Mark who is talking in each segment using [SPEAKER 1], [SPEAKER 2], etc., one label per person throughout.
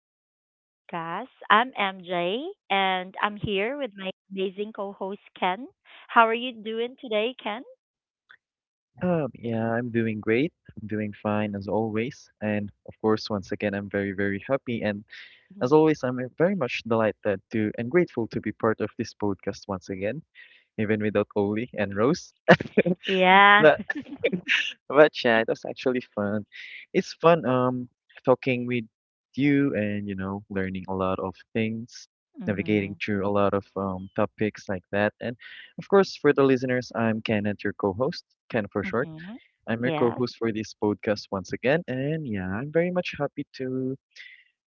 [SPEAKER 1] welcome to the podcast. I'm MJ, and I'm here with my amazing co host, Ken. How are you doing today, Ken?
[SPEAKER 2] Yeah, I'm doing great. I'm doing fine as always. And of course, once again, I'm very, very happy. And as
[SPEAKER 1] Mhm.
[SPEAKER 2] always, I'm very much delighted to and grateful to be part of this podcast once again, even without Oli and Rose.
[SPEAKER 1] Yeah.
[SPEAKER 2] But but yeah, it was actually fun. It's fun talking with you and learning a lot of things,
[SPEAKER 1] Hmm.
[SPEAKER 2] navigating through a lot of topics like that. And of course, for the listeners, I'm Kenneth, your co-host, Ken for short.
[SPEAKER 1] Hmm.
[SPEAKER 2] I'm your co
[SPEAKER 1] Yes.
[SPEAKER 2] host for this podcast once again. And yeah, I'm very much happy to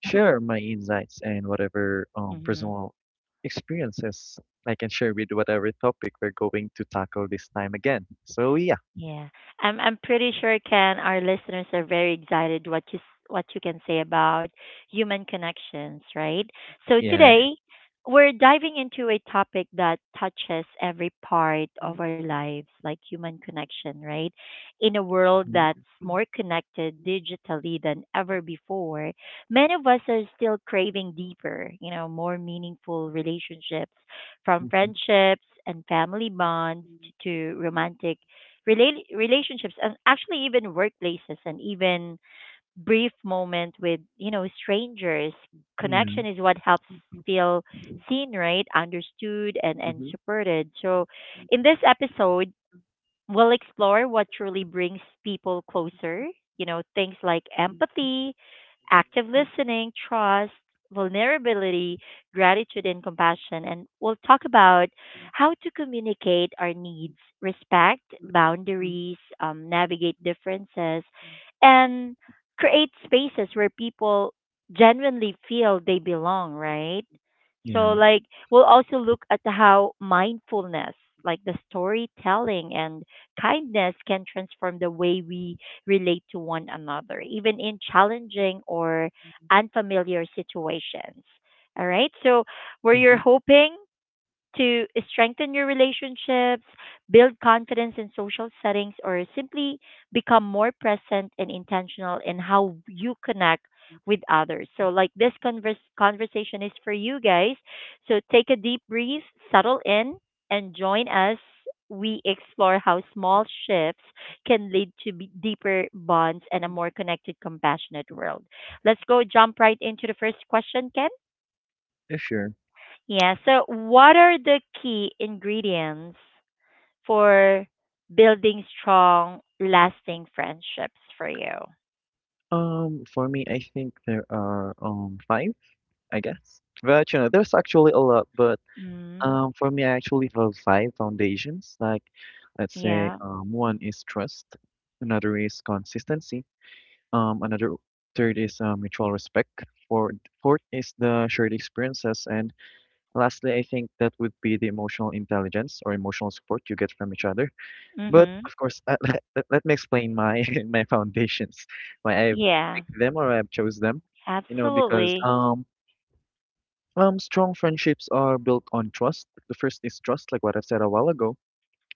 [SPEAKER 2] share my insights and whatever
[SPEAKER 1] Hmm.
[SPEAKER 2] personal experiences I can share with whatever topic we're going to tackle this time again. So yeah.
[SPEAKER 1] Yeah, I'm pretty sure, Ken, our listeners are very excited what you can say about human connections, right? So
[SPEAKER 2] Yeah.
[SPEAKER 1] today we're diving into a topic that touches every part of our lives, like human connection, right? In a world
[SPEAKER 2] Mhm,
[SPEAKER 1] that's more connected digitally than ever before, many of us are still craving deeper, more meaningful relationships, from
[SPEAKER 2] mhm,
[SPEAKER 1] friendships and family bonds to romantic relationships, and actually even workplaces, and even brief moment with strangers.
[SPEAKER 2] Yeah.
[SPEAKER 1] Connection is what helps feel seen, right, understood, and
[SPEAKER 2] hmm
[SPEAKER 1] supported. So in this episode, we'll explore what truly brings people closer, things like empathy, active listening, trust, vulnerability, gratitude, and compassion. And we'll talk about how to communicate our needs, respect boundaries, navigate differences, and create spaces where people genuinely feel they belong, right? So,
[SPEAKER 2] Yeah.
[SPEAKER 1] like, we'll also look at how mindfulness, like the storytelling and kindness, can transform the way we relate to one another, even in challenging or unfamiliar situations. All right. So, were you
[SPEAKER 2] hmm
[SPEAKER 1] hoping to strengthen your relationships, build confidence in social settings, or simply become more present and intentional in how you connect with others? So, like, this conversation is for you guys. So, take a deep breath, settle in, and join us. We explore how small shifts can lead to be deeper bonds and a more connected, compassionate world. Let's go jump right into the first question, Ken.
[SPEAKER 2] Yeah, sure.
[SPEAKER 1] Yeah. So, what are the key ingredients for building strong, lasting friendships for you?
[SPEAKER 2] For me, I think there are five, I guess. But you know, there's actually a lot, but
[SPEAKER 1] Mm.
[SPEAKER 2] For me, I actually have five foundations. Like, let's say,
[SPEAKER 1] Yeah.
[SPEAKER 2] one is trust, another is consistency, another third is mutual respect, fourth, fourth is the shared experiences, and lastly, I think that would be the emotional intelligence or emotional support you get from each other. But
[SPEAKER 1] Mhm.
[SPEAKER 2] of course, let me explain my my foundations, why I
[SPEAKER 1] Yeah.
[SPEAKER 2] picked them or I've chose them. You know, because
[SPEAKER 1] Absolutely.
[SPEAKER 2] strong friendships are built on trust. The first is trust, like what I've said a while ago.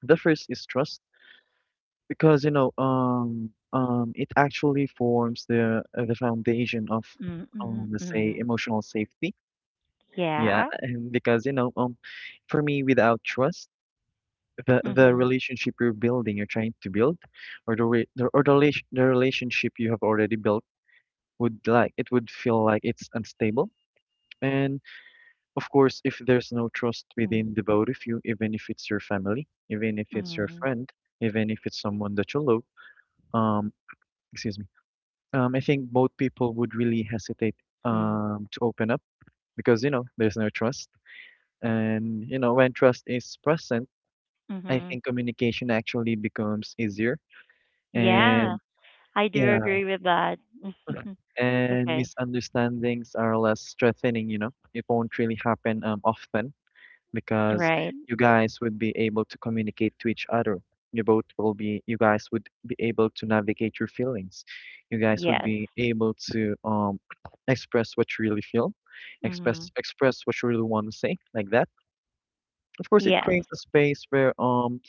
[SPEAKER 2] The first is trust because you know, it actually forms the foundation of,
[SPEAKER 1] Mm, mm,
[SPEAKER 2] let's say,
[SPEAKER 1] mm.
[SPEAKER 2] emotional safety. Yeah,
[SPEAKER 1] Yeah.
[SPEAKER 2] and because you know, for me, without trust, the
[SPEAKER 1] Mhm.
[SPEAKER 2] relationship you're building, you're trying to build, or the re the or the, rela- the relationship you have already built would like it would feel like it's unstable. And of course, if there's no trust
[SPEAKER 1] Mm,
[SPEAKER 2] within the both of you, even if it's your family, even if it's your
[SPEAKER 1] mm,
[SPEAKER 2] friend, even if it's someone that you love, um, excuse me, I think both people would really hesitate
[SPEAKER 1] mm.
[SPEAKER 2] to open up because, you know, there's no trust. And, you know, when trust is present, I
[SPEAKER 1] Mhm.
[SPEAKER 2] think communication actually becomes easier.
[SPEAKER 1] Yeah.
[SPEAKER 2] And
[SPEAKER 1] I do
[SPEAKER 2] yeah,
[SPEAKER 1] agree with that.
[SPEAKER 2] and
[SPEAKER 1] Okay.
[SPEAKER 2] misunderstandings are less threatening, you know, it won't really happen often, because
[SPEAKER 1] Right.
[SPEAKER 2] you guys would be able to communicate to each other. You guys would be able to navigate your feelings. You guys would
[SPEAKER 1] Yes.
[SPEAKER 2] be able to express what you really feel,
[SPEAKER 1] Mhm.
[SPEAKER 2] express what you really want to say, like that. Of course, it
[SPEAKER 1] Yes.
[SPEAKER 2] creates a space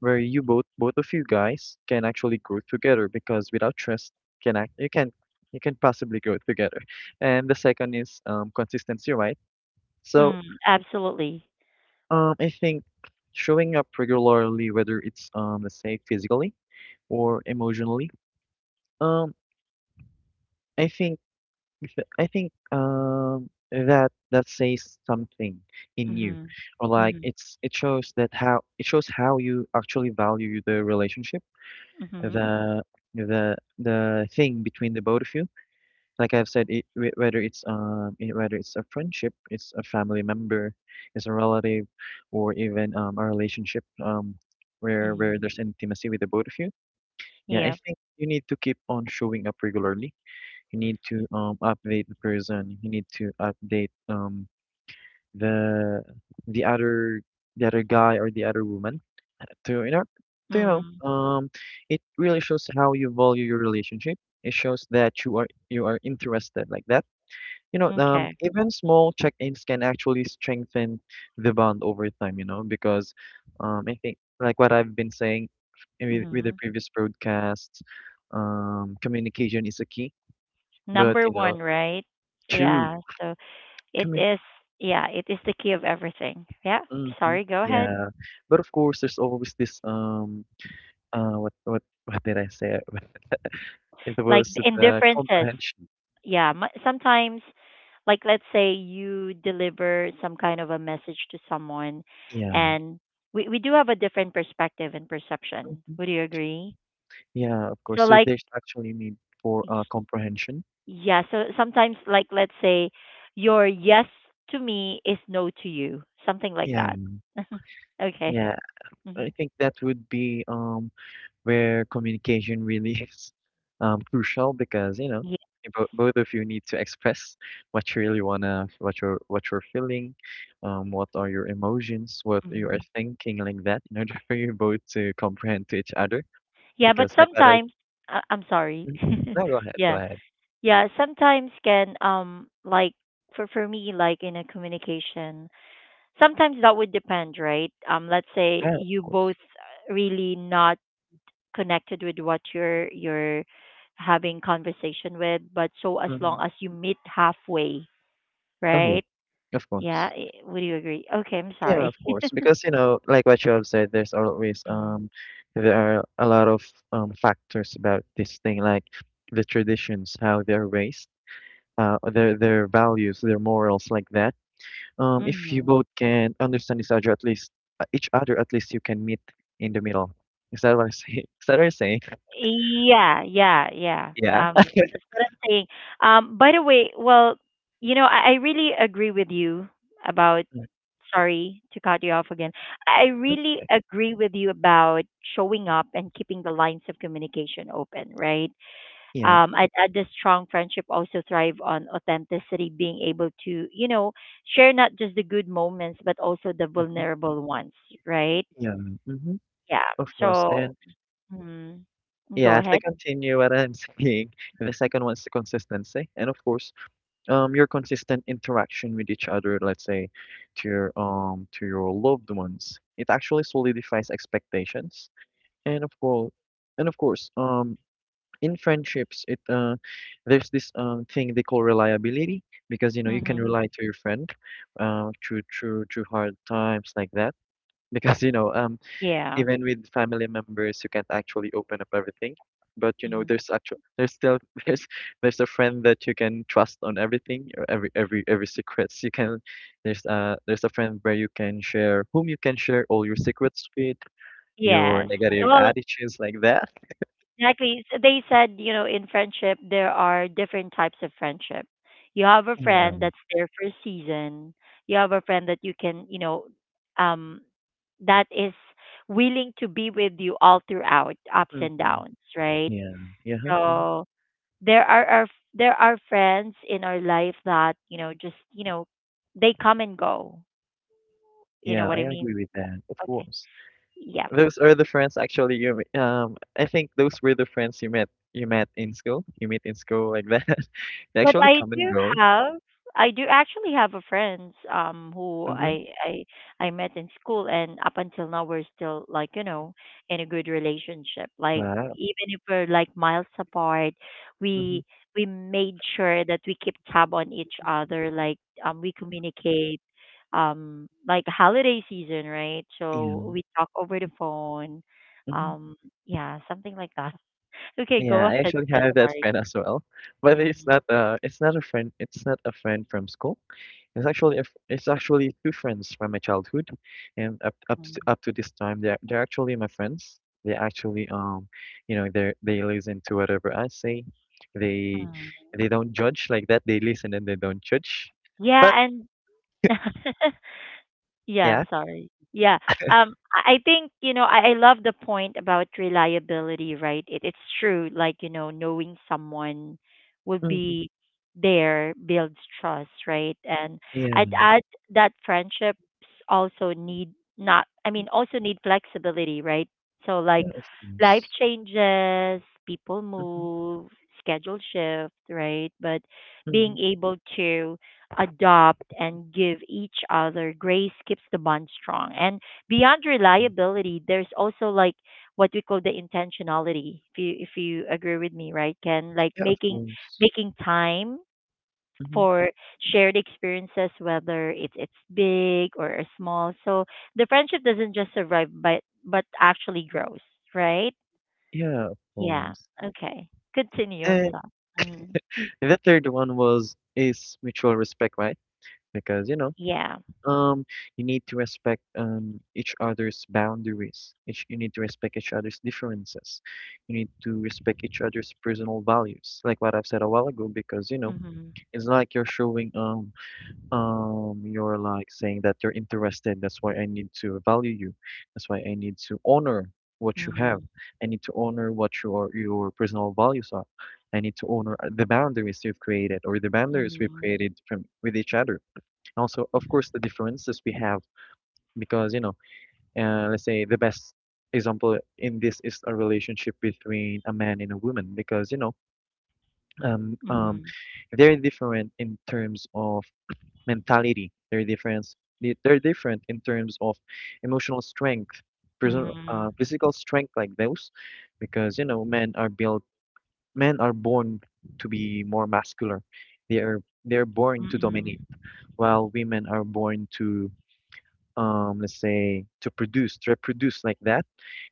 [SPEAKER 2] where you both both of you guys can actually grow together because without trust, can act you can possibly grow together. And the second is consistency, right? So
[SPEAKER 1] Mm, absolutely.
[SPEAKER 2] I think showing up regularly, whether it's let's say physically or emotionally, um, I think I think that that says something in you,
[SPEAKER 1] Mhm.
[SPEAKER 2] or like
[SPEAKER 1] Mhm.
[SPEAKER 2] it shows that how it shows how you actually value the relationship,
[SPEAKER 1] Mhm.
[SPEAKER 2] the the thing between the both of you. Like I've said, it, whether it's whether it's a friendship, it's a family member, it's a relative, or even a relationship where
[SPEAKER 1] Mhm.
[SPEAKER 2] there's intimacy with the both of you. Yeah, I
[SPEAKER 1] Yep.
[SPEAKER 2] think you need to keep on showing up regularly. You need to update the person. You need to update the the other the other guy or the other woman to to, you know
[SPEAKER 1] Mm.
[SPEAKER 2] um it really shows how you value your relationship. It shows that you are interested like that, you know,
[SPEAKER 1] Okay.
[SPEAKER 2] even small check-ins can actually strengthen the bond over time, you know, because I think like what I've been saying with the
[SPEAKER 1] Mhm.
[SPEAKER 2] previous broadcasts, communication is a key, but
[SPEAKER 1] Number
[SPEAKER 2] you know,
[SPEAKER 1] one, right?
[SPEAKER 2] true
[SPEAKER 1] Yeah. So it
[SPEAKER 2] commun
[SPEAKER 1] is. Yeah, it is the key of everything. Yeah.
[SPEAKER 2] hmm
[SPEAKER 1] Sorry. Go ahead.
[SPEAKER 2] yeah. But of course, there's always this what did I say? It
[SPEAKER 1] Like
[SPEAKER 2] was the
[SPEAKER 1] indifferences.
[SPEAKER 2] comprehension.
[SPEAKER 1] Yeah. Sometimes, like let's say you deliver some kind of a message to someone,
[SPEAKER 2] Yeah.
[SPEAKER 1] and we do have a different perspective and perception.
[SPEAKER 2] Mhm.
[SPEAKER 1] Would you agree?
[SPEAKER 2] Yeah, of course.
[SPEAKER 1] So
[SPEAKER 2] So
[SPEAKER 1] like
[SPEAKER 2] there's actually need for comprehension.
[SPEAKER 1] yeah, so sometimes like let's say your yes to me is no to you, something like
[SPEAKER 2] Yeah.
[SPEAKER 1] that. Okay.
[SPEAKER 2] Yeah.
[SPEAKER 1] Hmm.
[SPEAKER 2] I think that would be where communication really is crucial because you know
[SPEAKER 1] Yeah.
[SPEAKER 2] you bo both of you need to express what you really wanna what you're feeling, what are your emotions, what you are
[SPEAKER 1] Hmm.
[SPEAKER 2] thinking like that in order for you both to comprehend to each other
[SPEAKER 1] Yeah, but
[SPEAKER 2] because like that to
[SPEAKER 1] sometimes I'm sorry.
[SPEAKER 2] Mhm. No, go ahead, go
[SPEAKER 1] Yeah.
[SPEAKER 2] ahead.
[SPEAKER 1] Yeah, sometimes can, like, for me, like in a communication, sometimes that would depend, right? Let's say
[SPEAKER 2] Yeah, of
[SPEAKER 1] you
[SPEAKER 2] course.
[SPEAKER 1] both really not connected with what you're having conversation with, but so as long
[SPEAKER 2] Hmm.
[SPEAKER 1] as you meet halfway,
[SPEAKER 2] Oh yeah,
[SPEAKER 1] right?
[SPEAKER 2] of
[SPEAKER 1] Yeah.
[SPEAKER 2] course.
[SPEAKER 1] Would you agree? Okay, I'm
[SPEAKER 2] Yeah,
[SPEAKER 1] sorry.
[SPEAKER 2] of course, because, you know, like what you have said, there's always
[SPEAKER 1] Mm.
[SPEAKER 2] there are a lot of factors about this thing, like the traditions, how they're raised, their values, their morals, like that. If you
[SPEAKER 1] Mm.
[SPEAKER 2] both can understand each other, at least at least you can meet in the middle. Is that what I say? Is that what I say?
[SPEAKER 1] Yeah, yeah, yeah.
[SPEAKER 2] Yeah.
[SPEAKER 1] That's what I'm saying. By the way, well, I really agree with you about,
[SPEAKER 2] Mm,
[SPEAKER 1] sorry to cut you off again. I
[SPEAKER 2] that's
[SPEAKER 1] really
[SPEAKER 2] okay.
[SPEAKER 1] agree with you about showing up and keeping the lines of communication open, right?
[SPEAKER 2] Yeah,
[SPEAKER 1] I'd add the strong friendship also thrive on authenticity, being able to, share not just the good moments, but also the
[SPEAKER 2] hmm,
[SPEAKER 1] vulnerable ones, right?
[SPEAKER 2] yeah, hmm,
[SPEAKER 1] Yeah.
[SPEAKER 2] of course,
[SPEAKER 1] So,
[SPEAKER 2] and
[SPEAKER 1] mm, go
[SPEAKER 2] yeah, to
[SPEAKER 1] ahead.
[SPEAKER 2] continue what I'm saying, the second one is the consistency, and of course, your consistent interaction with each other, let's say, to your loved ones, it actually solidifies expectations. And of course, and of course, in friendships, it there's this thing they call reliability because you know you can
[SPEAKER 1] Hmm.
[SPEAKER 2] rely to your friend, through hard times like that. Because you know
[SPEAKER 1] Yeah.
[SPEAKER 2] even with family members you can't actually open up everything but you know
[SPEAKER 1] Hmm.
[SPEAKER 2] there's still there's there's a friend that you can trust on everything or every secrets you can there's a friend where you can share whom you can share all your secrets with, your
[SPEAKER 1] Yes.
[SPEAKER 2] negative
[SPEAKER 1] Well,
[SPEAKER 2] attitudes like that.
[SPEAKER 1] exactly. So they said, in friendship, there are different types of friendship. You have a
[SPEAKER 2] Yeah.
[SPEAKER 1] friend that's there for a season. You have a friend that you can, um, that is willing to be with you all throughout ups and
[SPEAKER 2] Mhm.
[SPEAKER 1] downs, right?
[SPEAKER 2] Yeah, yeah, mhm.
[SPEAKER 1] So there are our, there are friends in our life that, just, they come and go. You know
[SPEAKER 2] Yeah,
[SPEAKER 1] what
[SPEAKER 2] I
[SPEAKER 1] I mean?
[SPEAKER 2] agree with that, of
[SPEAKER 1] Okay.
[SPEAKER 2] course.
[SPEAKER 1] Yeah.
[SPEAKER 2] Those are the friends actually I think those were the friends you met in school. You meet in school like that. They
[SPEAKER 1] But
[SPEAKER 2] actually come and go.
[SPEAKER 1] I do actually have a friends who
[SPEAKER 2] Mm-hmm.
[SPEAKER 1] I met in school, and up until now we're still like, in a good relationship. Like
[SPEAKER 2] Wow.
[SPEAKER 1] even if we're like miles apart,
[SPEAKER 2] Mm-hmm.
[SPEAKER 1] we we made sure that we keep tab on each other, like we communicate, like holiday season, right? So
[SPEAKER 2] Yeah.
[SPEAKER 1] we talk over the phone.
[SPEAKER 2] Hmm.
[SPEAKER 1] Um yeah, something like that. Okay, go
[SPEAKER 2] Yeah, I
[SPEAKER 1] ahead.
[SPEAKER 2] actually
[SPEAKER 1] Yes,
[SPEAKER 2] have that
[SPEAKER 1] sorry.
[SPEAKER 2] friend as well. But it's
[SPEAKER 1] Mm,
[SPEAKER 2] not it's not a friend from school. It's actually a f it's actually two friends from my childhood, and
[SPEAKER 1] mm,
[SPEAKER 2] up to this time, they're actually my friends. They actually you know, they listen to whatever I say. They
[SPEAKER 1] mm.
[SPEAKER 2] they don't judge like that. They listen and they don't judge. But
[SPEAKER 1] Yeah, and yeah, I'm
[SPEAKER 2] yeah,
[SPEAKER 1] sorry. Yeah. I think, I love the point about reliability, right? It's true, like, knowing someone will
[SPEAKER 2] hmm,
[SPEAKER 1] be there builds trust, right? And I'd
[SPEAKER 2] yeah,
[SPEAKER 1] add that friendships also need not I mean, also need flexibility, right? So like
[SPEAKER 2] yeah, of
[SPEAKER 1] life
[SPEAKER 2] course.
[SPEAKER 1] changes, people
[SPEAKER 2] Hmm.
[SPEAKER 1] move, schedule shift, right? But
[SPEAKER 2] Hmm.
[SPEAKER 1] being able to adopt and give each other grace keeps the bond strong. And beyond reliability, there's also like what we call the intentionality. If you agree with me, right, Ken? Like
[SPEAKER 2] Yeah, of
[SPEAKER 1] making
[SPEAKER 2] course.
[SPEAKER 1] making time
[SPEAKER 2] Hmm.
[SPEAKER 1] for shared experiences, whether it's big or a small. So the friendship doesn't just survive, but actually grows, right?
[SPEAKER 2] Yeah, of
[SPEAKER 1] Yeah.
[SPEAKER 2] course.
[SPEAKER 1] Okay. Continue. I'm
[SPEAKER 2] And
[SPEAKER 1] sorry. Mhm.
[SPEAKER 2] the third one was is mutual respect, right? Because you know,
[SPEAKER 1] Yeah.
[SPEAKER 2] um you need to respect each other's boundaries, each you need to respect each other's differences, you need to respect each other's personal values like what I've said a while ago, because you know
[SPEAKER 1] Mm-hmm.
[SPEAKER 2] it's like you're showing you're like saying that you're interested. That's why I need to value you, that's why I need to honor what you have,
[SPEAKER 1] Mm-hmm.
[SPEAKER 2] I need to honor what your personal values are, I need to honor the boundaries you've created or the boundaries we've
[SPEAKER 1] Mm-hmm.
[SPEAKER 2] created from with each other, and also of
[SPEAKER 1] Mm-hmm.
[SPEAKER 2] course the differences we have. Because you know, let's say the best example in this is a relationship between a man and a woman, because you know um, um,
[SPEAKER 1] Mhm.
[SPEAKER 2] they're different in terms of mentality, they're different in terms of emotional strength,
[SPEAKER 1] Mm.
[SPEAKER 2] physical strength, like those, because you know men are born to be more muscular, they are they're born to
[SPEAKER 1] Mm.
[SPEAKER 2] dominate, while women are born to let's say to produce to reproduce like that.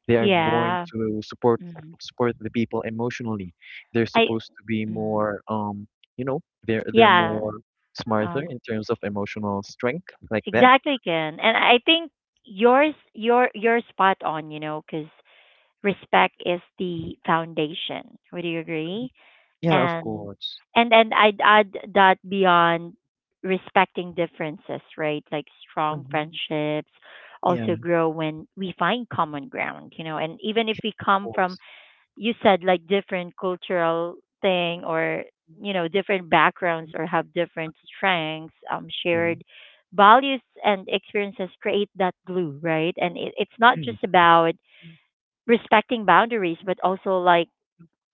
[SPEAKER 2] They are born
[SPEAKER 1] Yeah.
[SPEAKER 2] to
[SPEAKER 1] Mm.
[SPEAKER 2] support the people emotionally. They're
[SPEAKER 1] I.
[SPEAKER 2] supposed to be
[SPEAKER 1] Mm.
[SPEAKER 2] more, you know, they're
[SPEAKER 1] Yeah.
[SPEAKER 2] more smarter
[SPEAKER 1] Um.
[SPEAKER 2] in terms of emotional strength, like that.
[SPEAKER 1] Exactly, Ken. And I think you're spot on. You know, because respect is the foundation. Would you agree?
[SPEAKER 2] Yeah, of
[SPEAKER 1] And
[SPEAKER 2] course.
[SPEAKER 1] and I'd add that beyond respecting differences, right? Like strong
[SPEAKER 2] Hmm.
[SPEAKER 1] friendships
[SPEAKER 2] Yeah,
[SPEAKER 1] also
[SPEAKER 2] of
[SPEAKER 1] grow when we find common ground. You know, and even if we come from,
[SPEAKER 2] course.
[SPEAKER 1] you said, like different cultural thing, or different backgrounds, or have different strengths,
[SPEAKER 2] Yeah.
[SPEAKER 1] shared values and experiences create that glue, right? And it's not
[SPEAKER 2] Yeah,
[SPEAKER 1] just
[SPEAKER 2] of course.
[SPEAKER 1] about respecting boundaries, but also like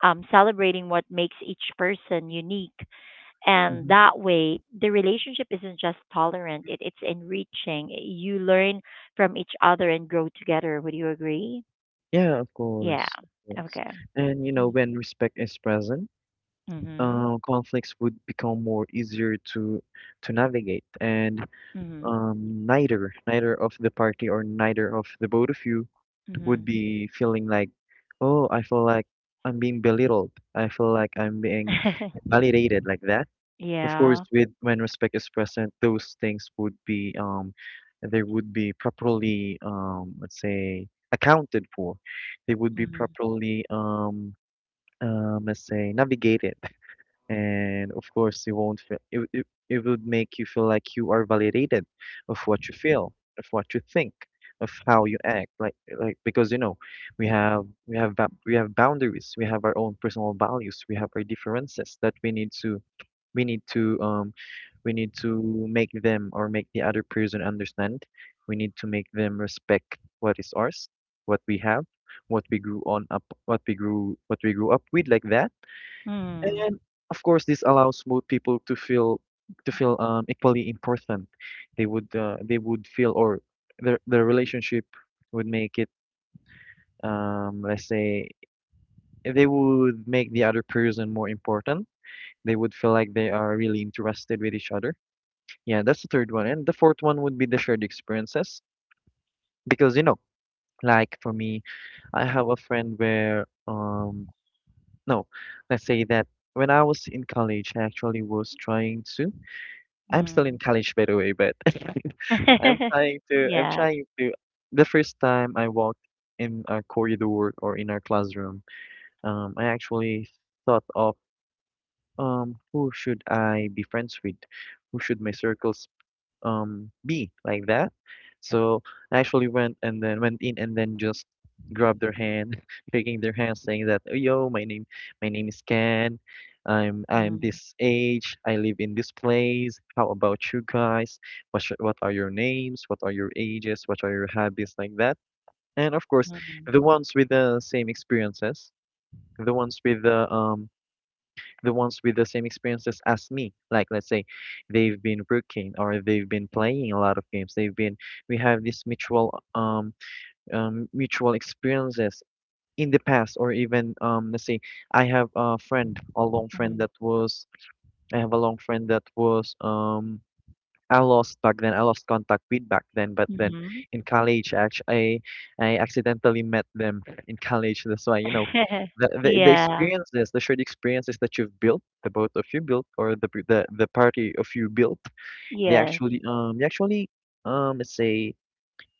[SPEAKER 1] celebrating what makes each person unique. And
[SPEAKER 2] Mhm.
[SPEAKER 1] that way the relationship isn't just tolerant, it's enriching. You learn from each other and grow together. Would you agree?
[SPEAKER 2] Yeah, of
[SPEAKER 1] Yeah.
[SPEAKER 2] course. Of course.
[SPEAKER 1] Okay.
[SPEAKER 2] And you know, when respect is present,
[SPEAKER 1] Mm-hmm.
[SPEAKER 2] conflicts would become more easier to navigate, and
[SPEAKER 1] Mm-hmm.
[SPEAKER 2] neither of the party or neither of the both of you would
[SPEAKER 1] Mhm.
[SPEAKER 2] be feeling like, oh, I feel like I'm being belittled. I feel like I'm being invalidated like that. Of course,
[SPEAKER 1] Yeah.
[SPEAKER 2] with when respect is present, those things would be they would be properly let's say accounted for. They would be
[SPEAKER 1] Mhm.
[SPEAKER 2] properly um let's say navigated, and of course you won't feel it would make you feel like you are validated, of what you feel, of what you think, of how you act like because you know, we have boundaries, we have our own personal values, we have our differences that we need to, we need to um we need to make them, or make the other person understand. We need to make them respect what is ours, what we have, what we grew up with, like that.
[SPEAKER 1] Hmm.
[SPEAKER 2] And of course, this allows both people to feel, to feel equally important. They would feel, or their relationship would make it, let's say, they would make the other person more important. They would feel like they are really interested with each other. Yeah, that's the third one. And the fourth one would be the shared experiences, because you know, like for me, I have a friend where no, let's say that when I was in college, I actually was trying to. I'm still in
[SPEAKER 1] Hmm.
[SPEAKER 2] college, by the way, but I'm
[SPEAKER 1] Yeah.
[SPEAKER 2] trying to, the first time I walked in our corridor, or in our classroom, I actually thought of, who should I be friends with? Who should my circles be, like that. So I actually went and then went in and then just grabbed their hand, shaking their hand, saying that, "Oh, yo, my name is Ken. I'm
[SPEAKER 1] Mm.
[SPEAKER 2] this age. I live in this place. How about you guys? What are your names? What are your ages? What are your habits, like that?" And of course,
[SPEAKER 1] Mhm.
[SPEAKER 2] the ones with the same experiences, the ones with the um the ones with the same experiences as me. Like, let's say they've been working, or they've been playing a lot of games. They've been We have this mutual mutual experiences in the past, or even let's say, I have a friend, a long friend
[SPEAKER 1] Mhm.
[SPEAKER 2] that was, I have a long friend that was I lost back then. I lost contact with back then. But then
[SPEAKER 1] Mhm.
[SPEAKER 2] in college, actually, I accidentally met them in college. That's why, you know, the
[SPEAKER 1] Yeah.
[SPEAKER 2] experiences, the shared experiences that you've built, the both of you built, or the party of you built,
[SPEAKER 1] Yes.
[SPEAKER 2] they actually let's say,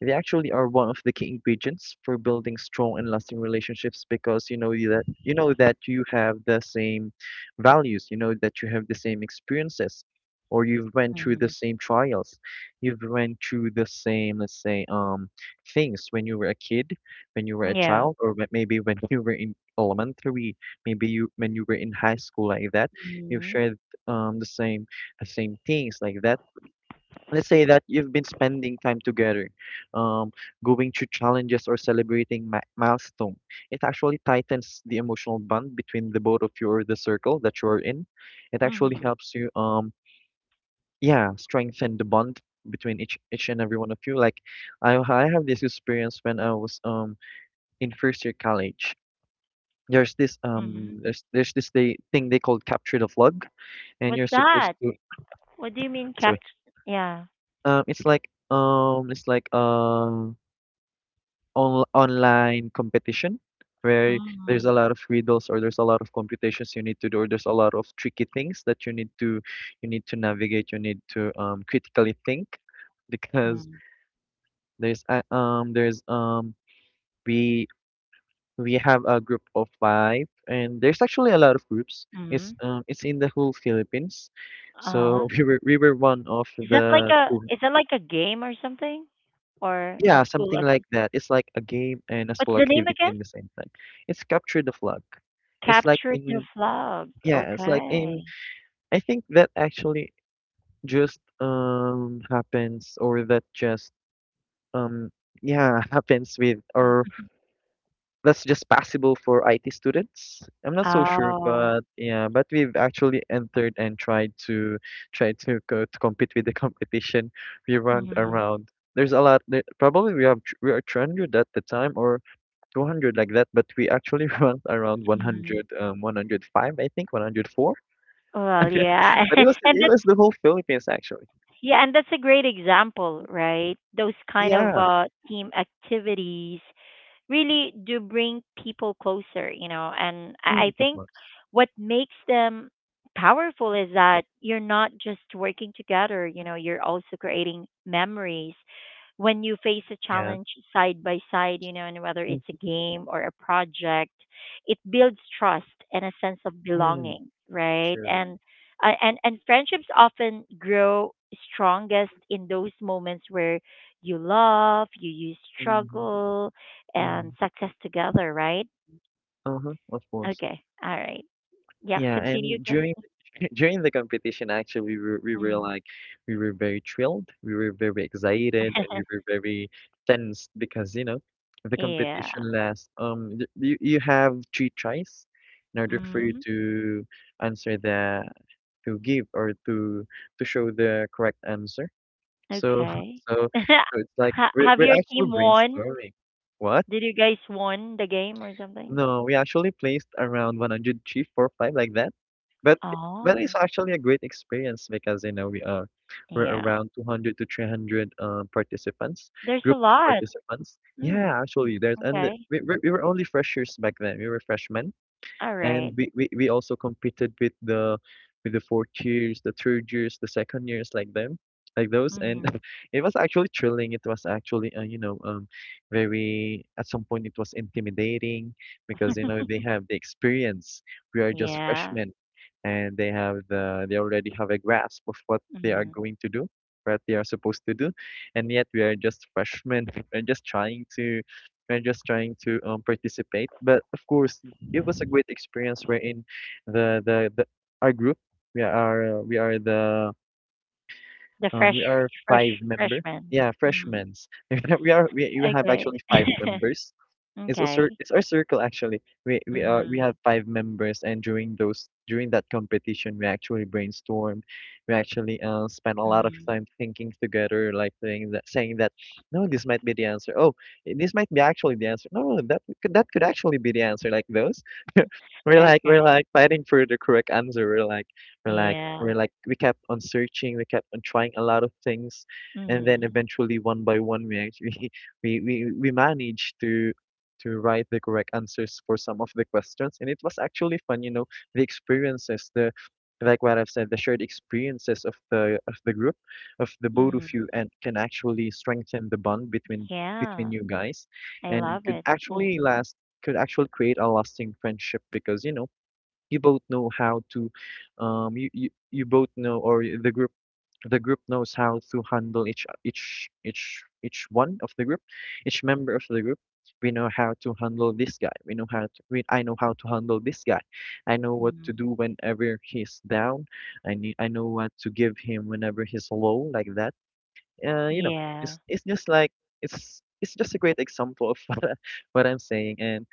[SPEAKER 2] they actually are one of the key ingredients for building strong and lasting relationships, because you know you know that you have the same values, you know that you have the same experiences, or you've went through the
[SPEAKER 1] Mhm.
[SPEAKER 2] same trials, you've went through the same, let's say things when you were a kid, when you were a
[SPEAKER 1] Yeah.
[SPEAKER 2] child, or when- maybe when you were in elementary, maybe you when you were in high school, like that. You've
[SPEAKER 1] Mhm.
[SPEAKER 2] shared the same, the same things, like that. Let's say that you've been spending time together, um, going through challenges, or celebrating milestone. It actually tightens the emotional bond between the both of you, or the circle that you are in. It actually
[SPEAKER 1] Mhm.
[SPEAKER 2] helps you, yeah, strengthen the bond between each and every one of you. Like, I have this experience when I was in first year college.
[SPEAKER 1] Mhm.
[SPEAKER 2] There's this they thing they called capture the flag, and
[SPEAKER 1] What's
[SPEAKER 2] you're supposed
[SPEAKER 1] that?
[SPEAKER 2] to,
[SPEAKER 1] What do you mean
[SPEAKER 2] sorry,
[SPEAKER 1] capt Yeah.
[SPEAKER 2] it's like on online competition where there's
[SPEAKER 1] Mhm.
[SPEAKER 2] a lot of riddles, or there's a lot of computations you need to do, or there's a lot of tricky things that you need to, you need to navigate, you need to critically think, because
[SPEAKER 1] Mhm.
[SPEAKER 2] there's a- there's we we have a group of five, and there's actually a lot of groups. It's
[SPEAKER 1] Mhm.
[SPEAKER 2] it's in the whole Philippines, so
[SPEAKER 1] Uh-huh.
[SPEAKER 2] we were one of the two.
[SPEAKER 1] Is that like a game or something? Or a
[SPEAKER 2] Yeah,
[SPEAKER 1] school
[SPEAKER 2] something like
[SPEAKER 1] activity?
[SPEAKER 2] that. It's like a game and a
[SPEAKER 1] What's
[SPEAKER 2] school
[SPEAKER 1] the name
[SPEAKER 2] activity
[SPEAKER 1] again?
[SPEAKER 2] in the same time. It's capture the flag. It's like
[SPEAKER 1] Captured the
[SPEAKER 2] in
[SPEAKER 1] flag.
[SPEAKER 2] Yeah, it's like in,
[SPEAKER 1] Okay.
[SPEAKER 2] I think that actually just happens, or that just um yeah, happens with, or that's just possible for IT students. I'm not so sure,
[SPEAKER 1] Oh.
[SPEAKER 2] but yeah, but we've actually entered and tried to, try to go to compete with the competition. We run
[SPEAKER 1] Mhm.
[SPEAKER 2] around. There's a lot there, probably we are 300 at the time, or 200, like that, but we actually went around
[SPEAKER 1] Mhm.
[SPEAKER 2] 100, 105, I think, 104.
[SPEAKER 1] Well, yeah.
[SPEAKER 2] But it was
[SPEAKER 1] And
[SPEAKER 2] it
[SPEAKER 1] that's
[SPEAKER 2] was the whole Philippines, actually.
[SPEAKER 1] yeah, and that's a great example, right? Those kind of
[SPEAKER 2] Yeah,
[SPEAKER 1] team activities really do bring people closer, And I
[SPEAKER 2] mm, of
[SPEAKER 1] think
[SPEAKER 2] course.
[SPEAKER 1] what makes them powerful is that you're not just working together, you're also creating memories when you face a
[SPEAKER 2] Yeah,
[SPEAKER 1] challenge side by side, and whether it's
[SPEAKER 2] mm,
[SPEAKER 1] a game or a project, it builds trust and a sense of
[SPEAKER 2] yeah,
[SPEAKER 1] belonging, right?
[SPEAKER 2] sure.
[SPEAKER 1] And friendships often grow strongest in those moments where you love, you
[SPEAKER 2] Hmm.
[SPEAKER 1] struggle,
[SPEAKER 2] Yeah,
[SPEAKER 1] and success together, right?
[SPEAKER 2] uh-huh, of course.
[SPEAKER 1] Okay. All right. Yeah,
[SPEAKER 2] Yeah,
[SPEAKER 1] continue
[SPEAKER 2] and
[SPEAKER 1] again.
[SPEAKER 2] during, during the competition, actually, we were
[SPEAKER 1] Mm.
[SPEAKER 2] like, we were very thrilled, we were very excited, and we were very tensed, because you know, the
[SPEAKER 1] Yeah.
[SPEAKER 2] competition lasts you, you have three tries in order for you
[SPEAKER 1] Mm.
[SPEAKER 2] to answer the, to give, or to show the correct answer. So
[SPEAKER 1] Okay.
[SPEAKER 2] so so it's like we're,
[SPEAKER 1] Have
[SPEAKER 2] we're
[SPEAKER 1] your
[SPEAKER 2] actually
[SPEAKER 1] team won?
[SPEAKER 2] brainstorming what,
[SPEAKER 1] Did you guys won the game or something?
[SPEAKER 2] no, we actually placed around 103, four, five, like that. But but it's
[SPEAKER 1] Oh,
[SPEAKER 2] actually a great experience, because you know we are, we're
[SPEAKER 1] yeah.
[SPEAKER 2] around 200 to 300 participants,
[SPEAKER 1] There's a
[SPEAKER 2] group of
[SPEAKER 1] lot.
[SPEAKER 2] participants.
[SPEAKER 1] Mm.
[SPEAKER 2] Yeah, actually there's,
[SPEAKER 1] Okay.
[SPEAKER 2] we, we were only freshers back then. We were freshmen,
[SPEAKER 1] All
[SPEAKER 2] and
[SPEAKER 1] right.
[SPEAKER 2] we also competed with the, with the fourth years, the third years, the second years, like them, like those, and
[SPEAKER 1] Mm-hmm.
[SPEAKER 2] it was actually thrilling. It was actually you know very, at some point, it was intimidating because you know they have the experience. We are just
[SPEAKER 1] Yeah.
[SPEAKER 2] freshmen, and they have the, they already have a grasp of what they are
[SPEAKER 1] Mm-hmm.
[SPEAKER 2] going to do, what they are supposed to do, and yet we are just freshmen. We're just trying to, we're just trying to participate. But of course, it was a great experience wherein the our group, we are the
[SPEAKER 1] The
[SPEAKER 2] we are five
[SPEAKER 1] fresh
[SPEAKER 2] member,
[SPEAKER 1] freshman.
[SPEAKER 2] yeah,
[SPEAKER 1] Mm.
[SPEAKER 2] freshmen. We you have
[SPEAKER 1] Okay.
[SPEAKER 2] actually five members.
[SPEAKER 1] Okay.
[SPEAKER 2] It's our circle, actually. We have
[SPEAKER 1] Mm.
[SPEAKER 2] five members, and during those, during that competition, we actually brainstormed. We actually spent a lot of
[SPEAKER 1] Mm.
[SPEAKER 2] time thinking together, like saying that, no, this might be the answer, oh, this might be actually the answer, no, no, that could, that could actually be the answer, like those. we're like we're
[SPEAKER 1] Okay.
[SPEAKER 2] like fighting for the correct answer. We're like,
[SPEAKER 1] Yeah.
[SPEAKER 2] we're like, we kept on searching, we kept on trying a lot of things, and then
[SPEAKER 1] Mhm.
[SPEAKER 2] eventually, one by one, we actually we managed to write the correct answers for some of the questions, and it was actually fun. You know, the experiences, the, like what I've said, the shared experiences of the group, of the both of
[SPEAKER 1] Mhm.
[SPEAKER 2] you, and can actually strengthen the bond between, between
[SPEAKER 1] Yeah,
[SPEAKER 2] you guys,
[SPEAKER 1] I
[SPEAKER 2] and
[SPEAKER 1] love
[SPEAKER 2] could
[SPEAKER 1] it.
[SPEAKER 2] actually
[SPEAKER 1] Mhm.
[SPEAKER 2] last, could actually create a lasting friendship, because you know you both know how to you both know, or the group, the group knows how to handle each one of the group, each member of the group. We know how to handle this guy, we know how to, I know how to handle this guy. I know what to do
[SPEAKER 1] Mhm.
[SPEAKER 2] whenever he's down. I know what to give him whenever he's low, like that. Uh, you know,
[SPEAKER 1] Yeah.
[SPEAKER 2] it's just like, it's just a great example of what, what I'm saying. And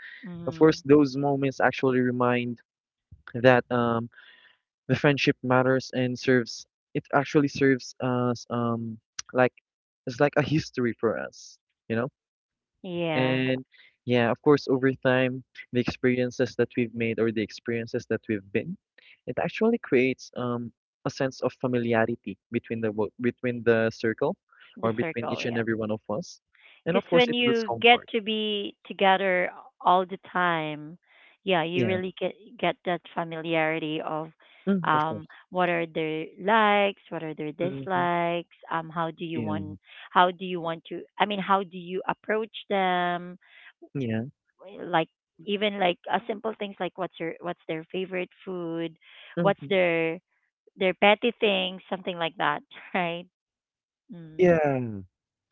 [SPEAKER 2] of course,
[SPEAKER 1] Mhm.
[SPEAKER 2] those moments actually remind that the friendship matters and serves. It actually serves as like, it's like a history for us, you know.
[SPEAKER 1] Yeah,
[SPEAKER 2] And yeah, of course, over time, the experiences that we've made, or the experiences that we've been, it actually creates a sense of familiarity between between the circle,
[SPEAKER 1] the
[SPEAKER 2] or between
[SPEAKER 1] circle,
[SPEAKER 2] each and
[SPEAKER 1] yeah.
[SPEAKER 2] every one of us. And
[SPEAKER 1] Cuz
[SPEAKER 2] of course,
[SPEAKER 1] when
[SPEAKER 2] it builds
[SPEAKER 1] you get
[SPEAKER 2] comfort.
[SPEAKER 1] to be together all the time, yeah, you
[SPEAKER 2] Yeah,
[SPEAKER 1] really get that familiarity of,
[SPEAKER 2] mm, of course.
[SPEAKER 1] what are their likes, what are their
[SPEAKER 2] Hmm.
[SPEAKER 1] dislikes, how do you
[SPEAKER 2] Yeah.
[SPEAKER 1] want how do you want to I mean, how do you approach them?
[SPEAKER 2] Yeah.
[SPEAKER 1] Like even like a simple things like what's their favorite food, what's
[SPEAKER 2] Hmm.
[SPEAKER 1] their petty thing, something like that, right? Mm.
[SPEAKER 2] Yeah,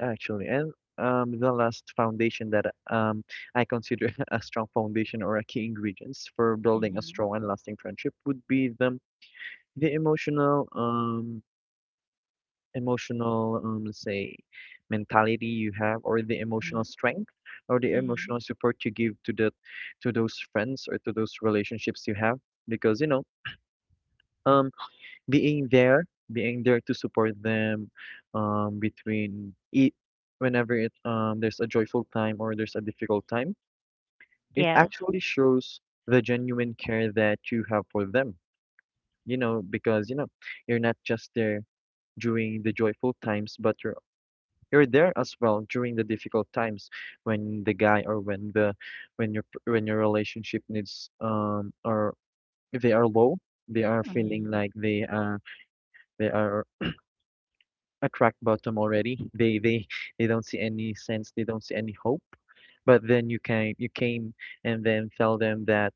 [SPEAKER 2] actually. And the last foundation that um, I consider a strong foundation, or a key ingredients for building a
[SPEAKER 1] Mhm.
[SPEAKER 2] strong and lasting friendship, would be the emotional let's say, mentality you have, or the emotional
[SPEAKER 1] Mhm.
[SPEAKER 2] strength, or the
[SPEAKER 1] Mhm.
[SPEAKER 2] emotional support you give to the, to those friends, or to those relationships you have, because you know um being there, being there to support them, between it, whenever it, there's a joyful time, or there's a difficult time, it
[SPEAKER 1] Yes.
[SPEAKER 2] actually shows the genuine care that you have for them. You know, because you know, you're not just there during the joyful times, but you're there as well during the difficult times, when the guy, or when the, when your, when your relationship needs or if they are low, they are feeling
[SPEAKER 1] Mhm.
[SPEAKER 2] like they are, they are attract bottom already. They don't see any sense. They don't see any hope. But then you came, you came and then tell them that,